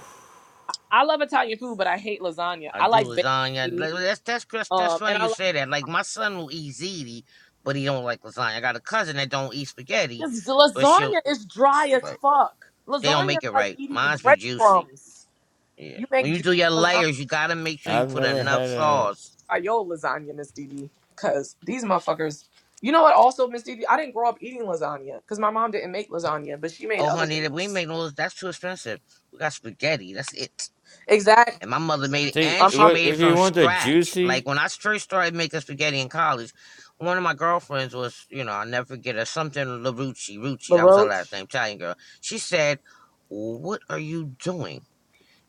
I: I I love Italian food, but I hate lasagna.
E: I
I: I
E: do
I: like
E: lasagna.
I: bakery.
E: Like, well, That's that's that's, that's
I: Um, and
E: funny
I: I
E: you
I: like
E: say that. Like my son will eat ziti, but he don't like lasagna. I got a cousin that don't eat spaghetti,
I: this the
E: but she'll
I: lasagna is dry as
E: like,
I: fuck.
E: they don't
I: Lasagna is
E: make it
I: like
E: right.
I: eating
E: Mine's be juicy.
I: breadcrumbs.
E: Yeah.
I: You make
E: When you
I: juicy
E: do your
I: lasagna
E: layers, you gotta make sure you
H: I've
E: put
H: never
E: enough
H: had a.
E: sauce.
I: by your lasagna, Miss Didi, because these motherfuckers. You know what? Also, Miss Didi, I didn't grow up eating lasagna because my mom didn't make lasagna, but she made
E: Oh,
I: other
E: honey, that we
I: things.
E: make those. That's too expensive. We got spaghetti. That's it.
I: Exactly.
E: And my mother made it,
H: See,
I: My
E: and she
I: mom
H: wha-
E: made it
H: if you
E: from
H: want the
E: scratch.
H: juicy,
E: Like when I first started making spaghetti in college, one of my girlfriends was, you know, I'll never forget her, something LaRucci, Rucci,
I: made
E: that was her last
I: Roche.
E: name, Italian girl. She said, What are you doing?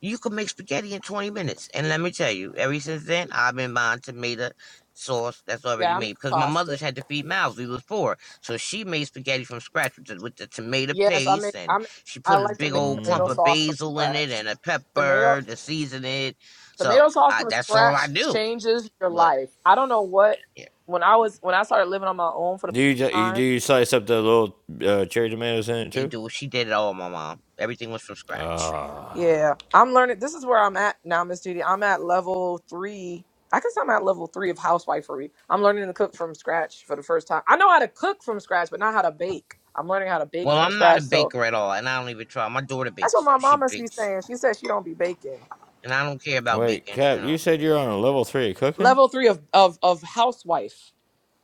E: You can make spaghetti in 20 minutes. And let me tell you, ever since then, I've been buying tomato sauce that's already
I: Yeah, I make
E: made because my
I: pasta.
E: mother's had to feed mouths. We was poor. So she made spaghetti from scratch with the, with the tomato
I: Yes, I make
E: paste and
I: I make,
E: she
I: I
E: put a
I: like to
E: big
I: make
E: old
I: tomato
E: clump of
I: sauce from
E: basil in it
I: scratch.
E: and a
I: Tomato
E: pepper to season it. So
I: tomato sauce
E: I,
I: from
E: that's all I
I: scratch
E: do.
I: changes your
E: But
I: life. I don't know what
E: yeah,
I: when I was when I started living on my own for the
H: do you ju-
I: first
H: you-
I: time.
H: do you slice up the little uh, cherry tomatoes in it
E: they
H: too?
E: do. She did it all, my mom. Everything was from scratch.
I: Yeah, I'm learning. This is where I'm at now, Miss Judy. I'm at level three. I guess I'm at level three of housewifery. I'm learning to cook from scratch for the first time. I know how to cook from scratch, but not how to bake. I'm learning how to bake
E: Well,
I: from
E: I'm not a
I: scratch. So
E: baker at all, and I don't even try. My daughter
I: that's what
E: bakes,
I: my
E: so she
I: mom must be
E: bakes.
I: saying. She said she don't be baking.
E: And I don't care about
H: Wait,
E: baking, you
H: Cap,
E: know.
H: you said you're on a level three of cooking.
I: Level three of of of housewife.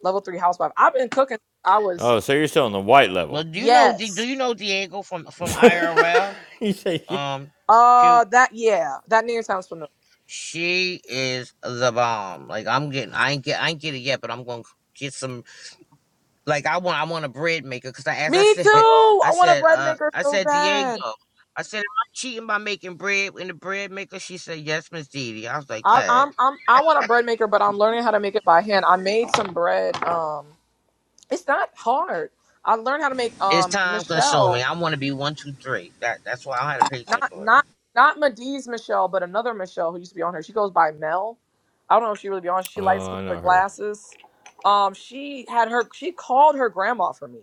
I: level three housewife. I've been cooking. since I was
H: Oh, so you're still on the white
E: Well,
H: level.
E: do you know? Do
I: yes.
E: you know Diego from from IRL?
H: You say yeah.
E: Um,
I: Uh,
E: cute.
I: that yeah, that name sounds familiar.
E: She is the bomb. Like I'm getting, I ain't get, I ain't get it yet, but I'm gonna get some. Like I want, I want a bread maker because I, as I
I: Me too.
E: said, I
I: I want a
E: said,
I: bread
E: uh,
I: maker
E: I
I: so
E: said Diego.
I: bad.
E: I said, am I cheating by making bread in the bread maker? She said, yes, Miss Didi. I was like,
I: I,
E: dang,
I: I'm I'm I want a bread maker, but I'm learning how to make it by hand. I made some bread. Um, it's not hard. I learned how to make
E: it's
I: um
E: time consuming.
I: Michelle,
E: I want to be one, two, three. That that's why I had a patience
I: not
E: for it.
I: not not Madiz Michelle, but another Michelle who used to be on her. She goes by Mel. I don't know if she really be on. She likes
H: Oh,
I: skin
H: I
I: with
H: know her.
I: glasses. Um, she had her. She called her grandma for me.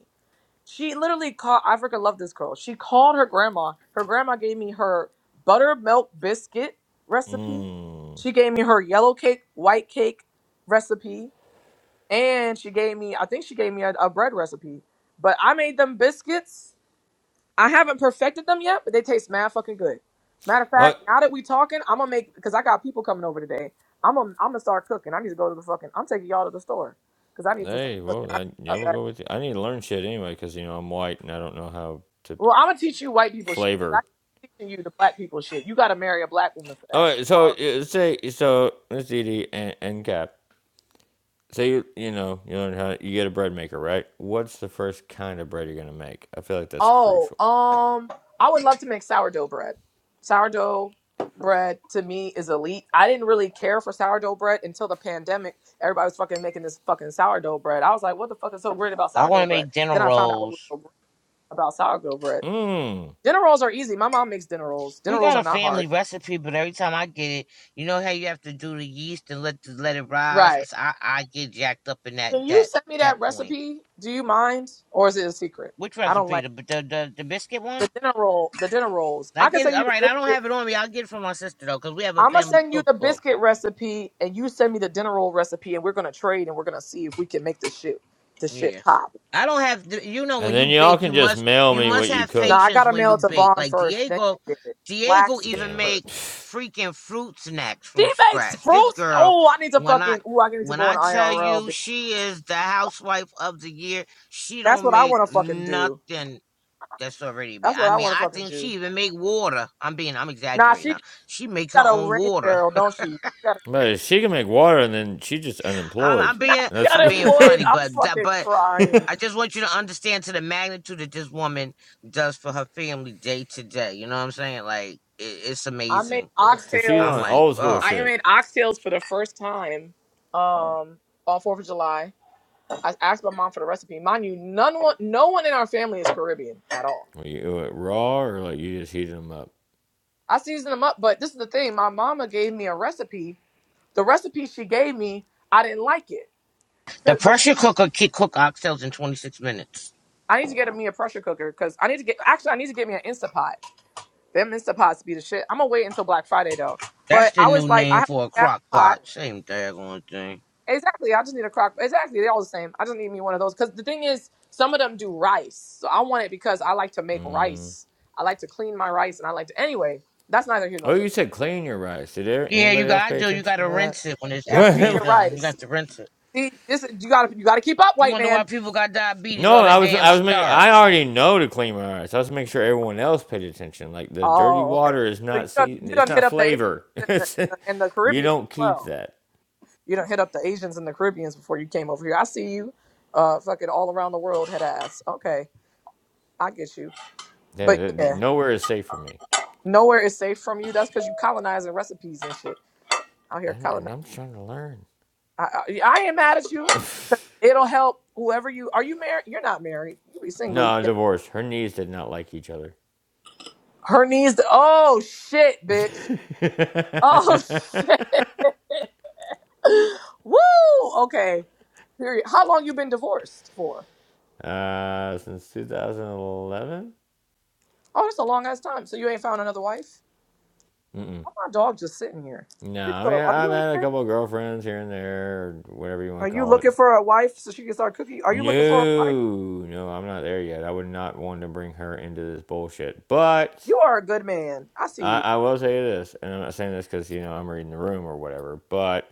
I: She literally called. I freaking love this girl. She called her grandma. Her grandma gave me her buttermilk biscuit recipe.
H: Mm.
I: She gave me her yellow cake, white cake recipe, and she gave me. I think she gave me a, a bread recipe. But I made them biscuits. I haven't perfected them yet, but they taste mad fucking good. Matter of
H: Look,
I: fact, now that we talking, I'm gonna make because I got people coming over today. I'm gonna I'm gonna start cooking. I need to go to the fucking. I'm taking y'all to the store because I need to
H: Hey,
I: start.
H: well, I, yeah, we'll go with you. I need to learn shit anyway because you know I'm white and I don't know how to
I: Well, I'm gonna teach you white people shit. I'm
H: flavor.
I: teaching you the black people shit. You gotta marry a black woman for
H: All
I: that.
H: right, so
I: Sorry.
H: uh, say so Miss Edie and, and Cap. So you you know you learn how you get a bread maker, right? What's the first kind of bread you're gonna make? I feel like that's
I: Oh,
H: crucial.
I: um, I would love to make sourdough bread. Sourdough bread to me is elite. I didn't really care for sourdough bread until the pandemic. Everybody was fucking making this fucking sourdough bread. I was like, what the fuck is so great about
E: I want
I: sourdough
E: to
I: bread?
E: make
I: Then
E: dinner
I: I found out what was
E: rolls
I: so great about sourdough bread.
H: Mmm.
I: Dinner rolls are easy. My mom makes dinner rolls. Dinner
E: We
I: rolls
E: got
I: are
E: a
I: not hard.
E: family recipe, but every time I get it, you know how you have to do the yeast and let the, let it rise.
I: Right.
E: So I I get jacked up in that
I: Can you
E: that
I: send me
E: that
I: that
E: point.
I: recipe? Do you mind? Or is it a secret?
E: Which
I: I don't like
E: recipe? The the the, the biscuit
I: the
E: one?
I: dinner roll, the dinner rolls.
E: I
I: I can
E: get it.
I: send you
E: All
I: the
E: right, I don't
I: biscuit.
E: have it on me. I'll get it from my sister though, cause we have a
I: I'm gonna
E: family
I: send you the
E: cookbook.
I: biscuit recipe, and you send me the dinner roll recipe, and we're gonna trade, and we're gonna see if we can make this shit, the shit
E: Yeah.
I: pop.
E: I don't have you know
H: And
E: when you
H: then y'all
E: bake you
H: can just
E: must
H: mail
E: you
H: me
E: must
H: what you
E: have
I: No,
H: cook.
I: I
E: patience
I: gotta
E: when
I: mail
E: you
I: it to
E: bake.
I: Vaughn
E: Like
I: first, then
E: Diego
I: you get it. Black
E: Diego
I: skin
E: even
H: Damn it.
E: make
I: first.
E: freaking fruit snacks from
I: She makes
E: scratch. This
I: fruits.
E: girl
I: Oh, I need to
E: when I
I: fucking. Oh, I need to
E: when
I: go in
E: I tell
I: IRL.
E: you
I: Bitch.
E: she is the housewife of the year, she
I: That's
E: don't
I: what I
E: make
I: want to fucking do.
E: nothing that's already made.
I: That's what
E: I
I: I
E: mean,
I: want to
E: I
I: fucking
E: think she
I: do.
E: even make water. I'm being I'm
I: Nah,
E: exaggerating
I: she
E: now. She make her
I: got a
E: own
I: rain
E: water.
I: barrel, don't she? she got a,
H: But if she can make water, and then she's just
E: I'm,
H: unemployed.
E: I'm
I: nah,
E: being
I: she
H: That's
I: got
E: I'm being
I: employed.
E: funny,
I: I'm
E: but that-
I: fucking
E: but
I: crying.
E: I just want you to understand to the magnitude that this woman does for her family day to day. You know what I'm saying? Like it, it's
I: I made
E: amazing.
H: so she's
E: I'm
H: on
I: oxtails.
E: like,
H: old school
E: oh,
I: I
H: shit.
I: made oxtails for the first time um, on Fourth of July. I asked my mom for the recipe. Mind you, none one, no one in our family is Caribbean at all.
H: Were you, uh, raw or like you just heated them up?
I: I seasoned them up, but this is the thing. My mama gave me a recipe. The recipe she gave me, I didn't like it.
E: the
I: But but she,
E: pressure cooker can cook oxtails in 26 minutes.
I: I need to get me a pressure cooker because I need to get. Actually, I need to get me an Instapot. Them Instapots be the shit. I'm gonna wait until Black Friday though.
E: That's
I: But
E: the
I: I
E: new
I: was like, I
E: name
I: have
E: for a
I: a gas
E: crock
I: pot.
E: pot. Same daggone thing.
I: Exactly. I just need a crock. Exactly. They're all the same. I just need me one of those. Because the thing is, some of them do rice. So I want it because I like to make
H: Mm.
I: rice. I like to clean my rice, and I like to. Anyway, that's neither here nor
H: Oh,
I: there.
H: you said clean your rice. Did there,
E: Yeah, you
H: anybody else
E: got to
H: pay
E: do. You got
H: attention
E: to
H: to that?
E: rinse it when it's
I: You gotta
E: after
I: clean
E: you're
I: your
E: done. You
I: rice.
E: got to rinse it.
I: See, this is- you gotta you gotta keep up,
E: You
I: white
E: wonder why
I: man.
E: people got diabetes?
H: no,
E: All
H: I
E: that
H: was
E: damn
H: I was making I
E: starch.
H: already know to clean my rice. I was making sure everyone else paid attention. Like the dirty
I: Oh, okay.
H: water is
I: So you
H: not
I: done you
H: season. It's
I: done hit
H: not
I: up the Asians
H: flavor.
I: and the,
H: It's,
I: and the
H: you
I: Caribbean
H: don't
I: as
H: keep
I: well.
H: that.
I: You done hit up the Asians and the Caribbeans before you came over here. I see you, uh, fucking all around the world head ass. Okay, I get you.
H: There-
I: But
H: there- there-
I: yeah.
H: Nowhere is safe for me.
I: Nowhere is safe from you. That's because you colonizing recipes and shit out here.
H: And, and
I: Colonize.
H: I'm trying to learn.
I: I, I, I ain't mad at you. It'll help whoever you are. You married? You're not married. You be single. You
H: No,
I: get-
H: divorce. Her knees did not like each other.
I: Her knees. To, oh shit, bitch. Oh shit. Woo. Okay. Period. How long you been divorced for?
H: uh, since 2011.
I: Oh, that's a long ass time. So you ain't found another wife? Why my dog just sitting here?
H: No, I mean
I: So are
H: I've
I: you
H: had a
I: okay?
H: couple of girlfriends here and there, or whatever you
I: Are
H: want to
I: you
H: call
I: looking
H: it.
I: for a wife so she can start cooking? Are you looking for a wife?
H: No, no, I'm not there yet. I would not want to bring her into this bullshit. But
I: You are a good man. I see
H: I,
I: you.
H: I will say this, and I'm not saying this because you know I'm reading the room or whatever. But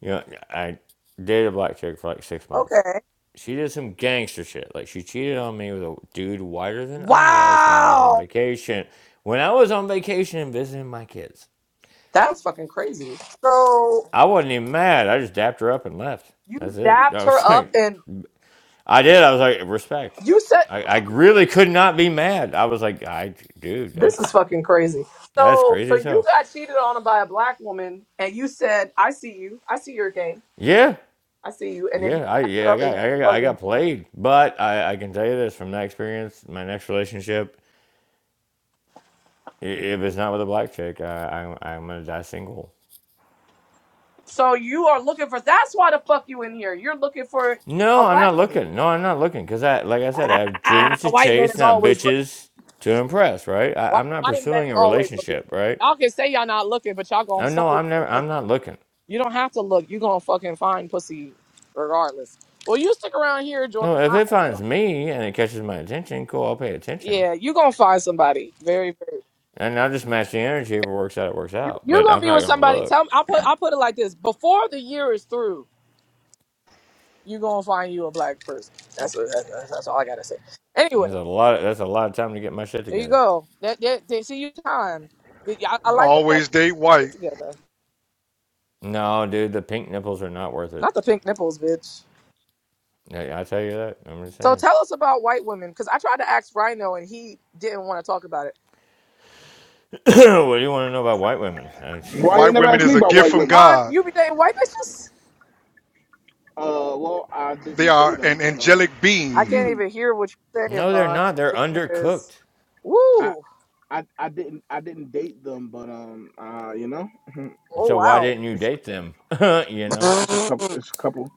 H: you know, I dated a black chick for like six months.
I: Okay.
H: She did some gangster shit. Like she cheated on me with a dude whiter than I was when I was on
I: Wow,
H: vacation. When I was on vacation and visiting my kids,
I: that's fucking crazy. So
H: I wasn't even mad. I just dapped her up and left. That's
I: you
H: it. I
I: dapped her
H: was
I: up,
H: like,
I: and
H: I did. I was like, respect.
I: you said
H: I, I really could not be mad. I was like, I dude,
I: this is
H: that's
I: fucking crazy.
H: that's
I: So,
H: crazy
I: so
H: as
I: you
H: hell.
I: got cheated on by a black woman, and you said, "I see you. I see your game.
H: Yeah,
I: I see you." And then you
H: yeah, I
I: dapped
H: yeah,
I: her
H: I
I: up, and
H: got
I: you
H: I got, I
I: fucking.
H: got played, but I, I can tell you this from that experience, my next relationship, i- if it's not with a black chick, I, I I'm gonna die single.
I: So you are looking for. That's why the fuck you in here. You're looking for a
H: No, I'm not
I: black woman.
H: looking. No, I'm not looking because I like I said, I have
I: Ah,
H: dreams to
I: white man
H: chase,
I: is
H: not
I: always looking.
H: bitches to impress. Right? I,
I: White
H: I'm not
I: white man is
H: pursuing a
I: always looking.
H: relationship. Right?
I: Y'all can say y'all not looking, but y'all gonna
H: I, no,
I: stumble.
H: I'm never. I'm not looking.
I: You don't have to look. You're gonna fucking find pussy regardless. Well, you stick around here,
H: No,
I: Jordan.
H: if
I: I,
H: it finds me and it catches my attention, cool, I'll pay attention.
I: yeah, you're gonna find somebody. Very, very.
H: And I'll just match the energy. If it works out, it works
I: You,
H: out.
I: you're
H: But
I: gonna
H: I'm
I: be
H: not
I: with
H: gonna
I: somebody.
H: look.
I: Tell me. I'll put. I'll put it like this. Before the year is through, you're gonna find you a black person. That's what, that's, that's all I gotta say. Anyway,
H: There's a lot of, that's a lot of time to get my shit
I: there you
H: together.
I: go. That, that, they see you time. I, I like the fact
L: Always date
I: that you get
L: white.
I: together.
H: No, dude, the pink nipples are not worth it.
I: Not the pink nipples, bitch.
H: I, I tell you that. I'm just
I: So
H: saying.
I: tell us about white women, because I tried to ask Rhino and he didn't want to talk about it.
H: what do you want to know about white women? I-
A: Why you ain't
L: White
A: never
L: women
A: asked me
L: is a
A: about
L: gift
A: white
L: from
A: women?
I: Vaughn,
L: God.
I: you be dating white bitches?
A: Uh, well, I
L: They
A: didn't date
L: are an
A: them, but
L: angelic
I: I
L: being.
I: can't
A: um,
I: even hear what you're saying,
H: no, they're
I: Vaughn.
H: not.
I: 'cause
H: They're
I: This nigga is,
H: undercooked.
I: woo,
A: I. I, I didn't I didn't date them, but um uh you know
I: oh
H: So why
I: wow.
H: didn't you
A: it's
H: date them? you know?
A: it's a couple it's a couple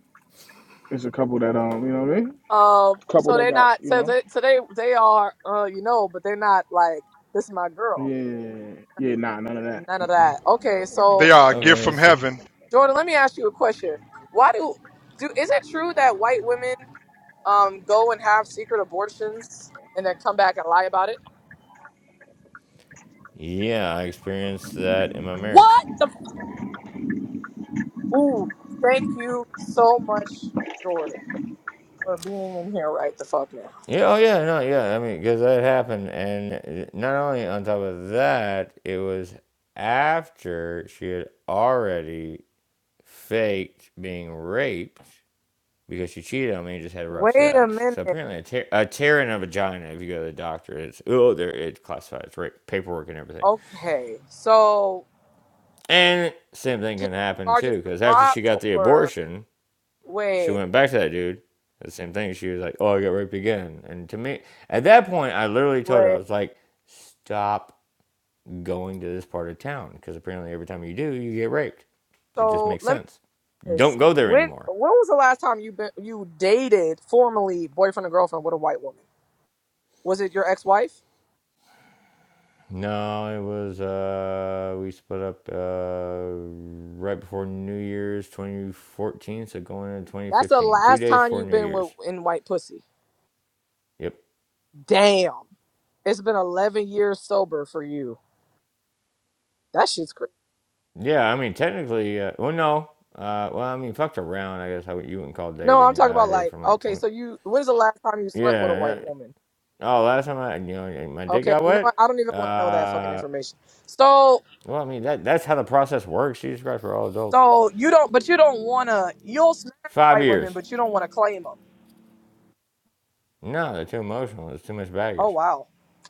A: it's a couple that um you know what I mean
I: Um,
A: couple
I: so
A: that
I: they're
A: got
I: not,
A: you
I: so
A: know
I: they, so they, they are, uh, you know, but they're not like, this is my
A: yeah
I: girl.
A: yeah yeah, yeah. nah none of that
I: None of
A: Mm-mm.
I: that. Okay,
L: They
I: so
A: nah,
L: are a gift
H: Okay,
L: from
H: that's it.
L: heaven.
I: Jordan, let me ask you a question. Why do, do is it true that white women, um, go and have secret abortions and then come back and lie about it?
H: Yeah, I experienced that in my marriage.
I: What the? f- Ooh, thank you so much, Jordan, for being in here right the fuck now.
H: Yeah, oh yeah, no, yeah. I mean, because that happened, and eh, not only on top of that, it was after she had already faked being raped because she cheated on me and just had rough
I: Wait a
H: sex.
I: minute.
H: So apparently, a, tear, a tear in a vagina. If you go to the doctor, it's oh, there it's classified as rape, paperwork and everything.
I: Okay, so
H: And same thing
I: she-
H: can happen too,
I: charges was
H: because after she
I: dropped,
H: got the
I: or
H: abortion, she
I: wait,
H: went back to that dude. The same thing. She was like, "Oh, I got raped again." And to me, at that point, I literally told her, "I
I: wait.
H: was like, stop going to this part of town because apparently every time you do, you get raped. It just
I: So
H: makes
I: let me
H: sense.
I: ask this:
H: Don't go there
I: when
H: anymore."
I: when was the last time you been you dated formally boyfriend or girlfriend with a white woman? Was it your ex wife?
H: No, it was uh, we split up uh, right before New Year's 2014, so going into
I: That's the
H: 2015, two
I: last
H: days
I: time
H: before
I: you've
H: New
I: been with
H: Year's.
I: in white pussy.
H: Yep.
I: Damn, it's been eleven years sober for you. That shit's crazy.
H: Yeah, I mean technically, uh, well, no, uh, well, I mean fucked around. I guess how you wouldn't call
I: No, I'm
H: dating.
I: talking
H: Uh, I
I: about
H: did
I: like
H: from like
I: okay,
H: 20,
I: so you when's the last time you slept with a
H: Yeah.
I: white
H: yeah.
I: woman?
H: Oh, last time I, you know, my dick
I: Okay,
H: got
I: you know
H: wet.
I: what? I don't even want to know that fucking
H: Uh,
I: information. So
H: well, I mean that that's how the process works. Jesus Christ, we're all adults.
I: So you don't, but you don't want to. You'll smash
H: Five
I: white women,
H: years.
I: but you don't want to claim them.
H: No, they're too emotional. It's too much
I: Oh
H: baggage.
I: wow,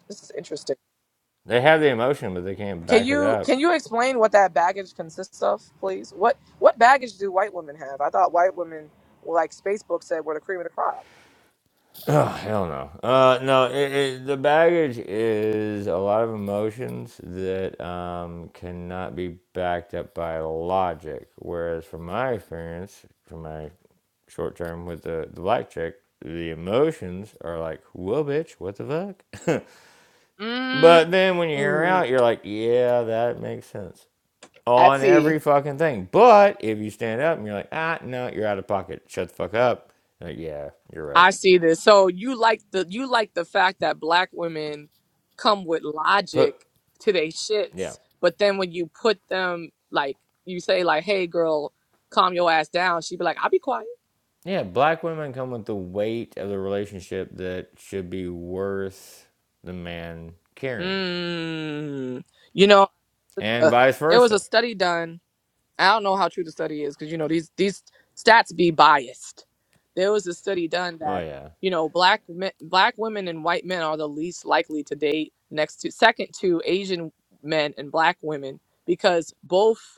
I: this is interesting.
H: They have the emotion, but they can't
I: Can
H: back it
I: you
H: up.
I: can you explain what that baggage consists of, please? What what baggage do white women have? I thought white women, like Facebook said, were the cream of the crop.
H: Oh, hell no. Uh, no, it, it, the baggage is a lot of emotions that um, cannot be backed up by logic. Whereas, from my experience, from my short term with the, the black chick, the emotions are like, whoa, bitch, what the fuck? but then when you hear her
I: Mm,
H: out, you're like, yeah, that makes sense
I: I
H: on
I: see.
H: every fucking thing. But if you stand up and you're like, ah, no, you're out of pocket, shut the fuck up. Like, yeah, you're right.
I: I see this. So you like the you like the fact that black women come with
H: Put,
I: logic to their
H: yeah.
I: shits, but then when you put them like you say like, "Hey, girl, calm your ass down," she be like, "I'll be quiet."
H: Yeah, black women come with the weight of the relationship that should be worth the man carrying,
I: Mm. You know,
H: and
I: uh,
H: vice
I: there was a
H: versa.
I: study done. I don't know how true the study is because you know these these stats be biased. There was a study done
H: Oh,
I: that
H: yeah.
I: you know black men, black women and white men are the least likely to date next to second to Asian men and black women because both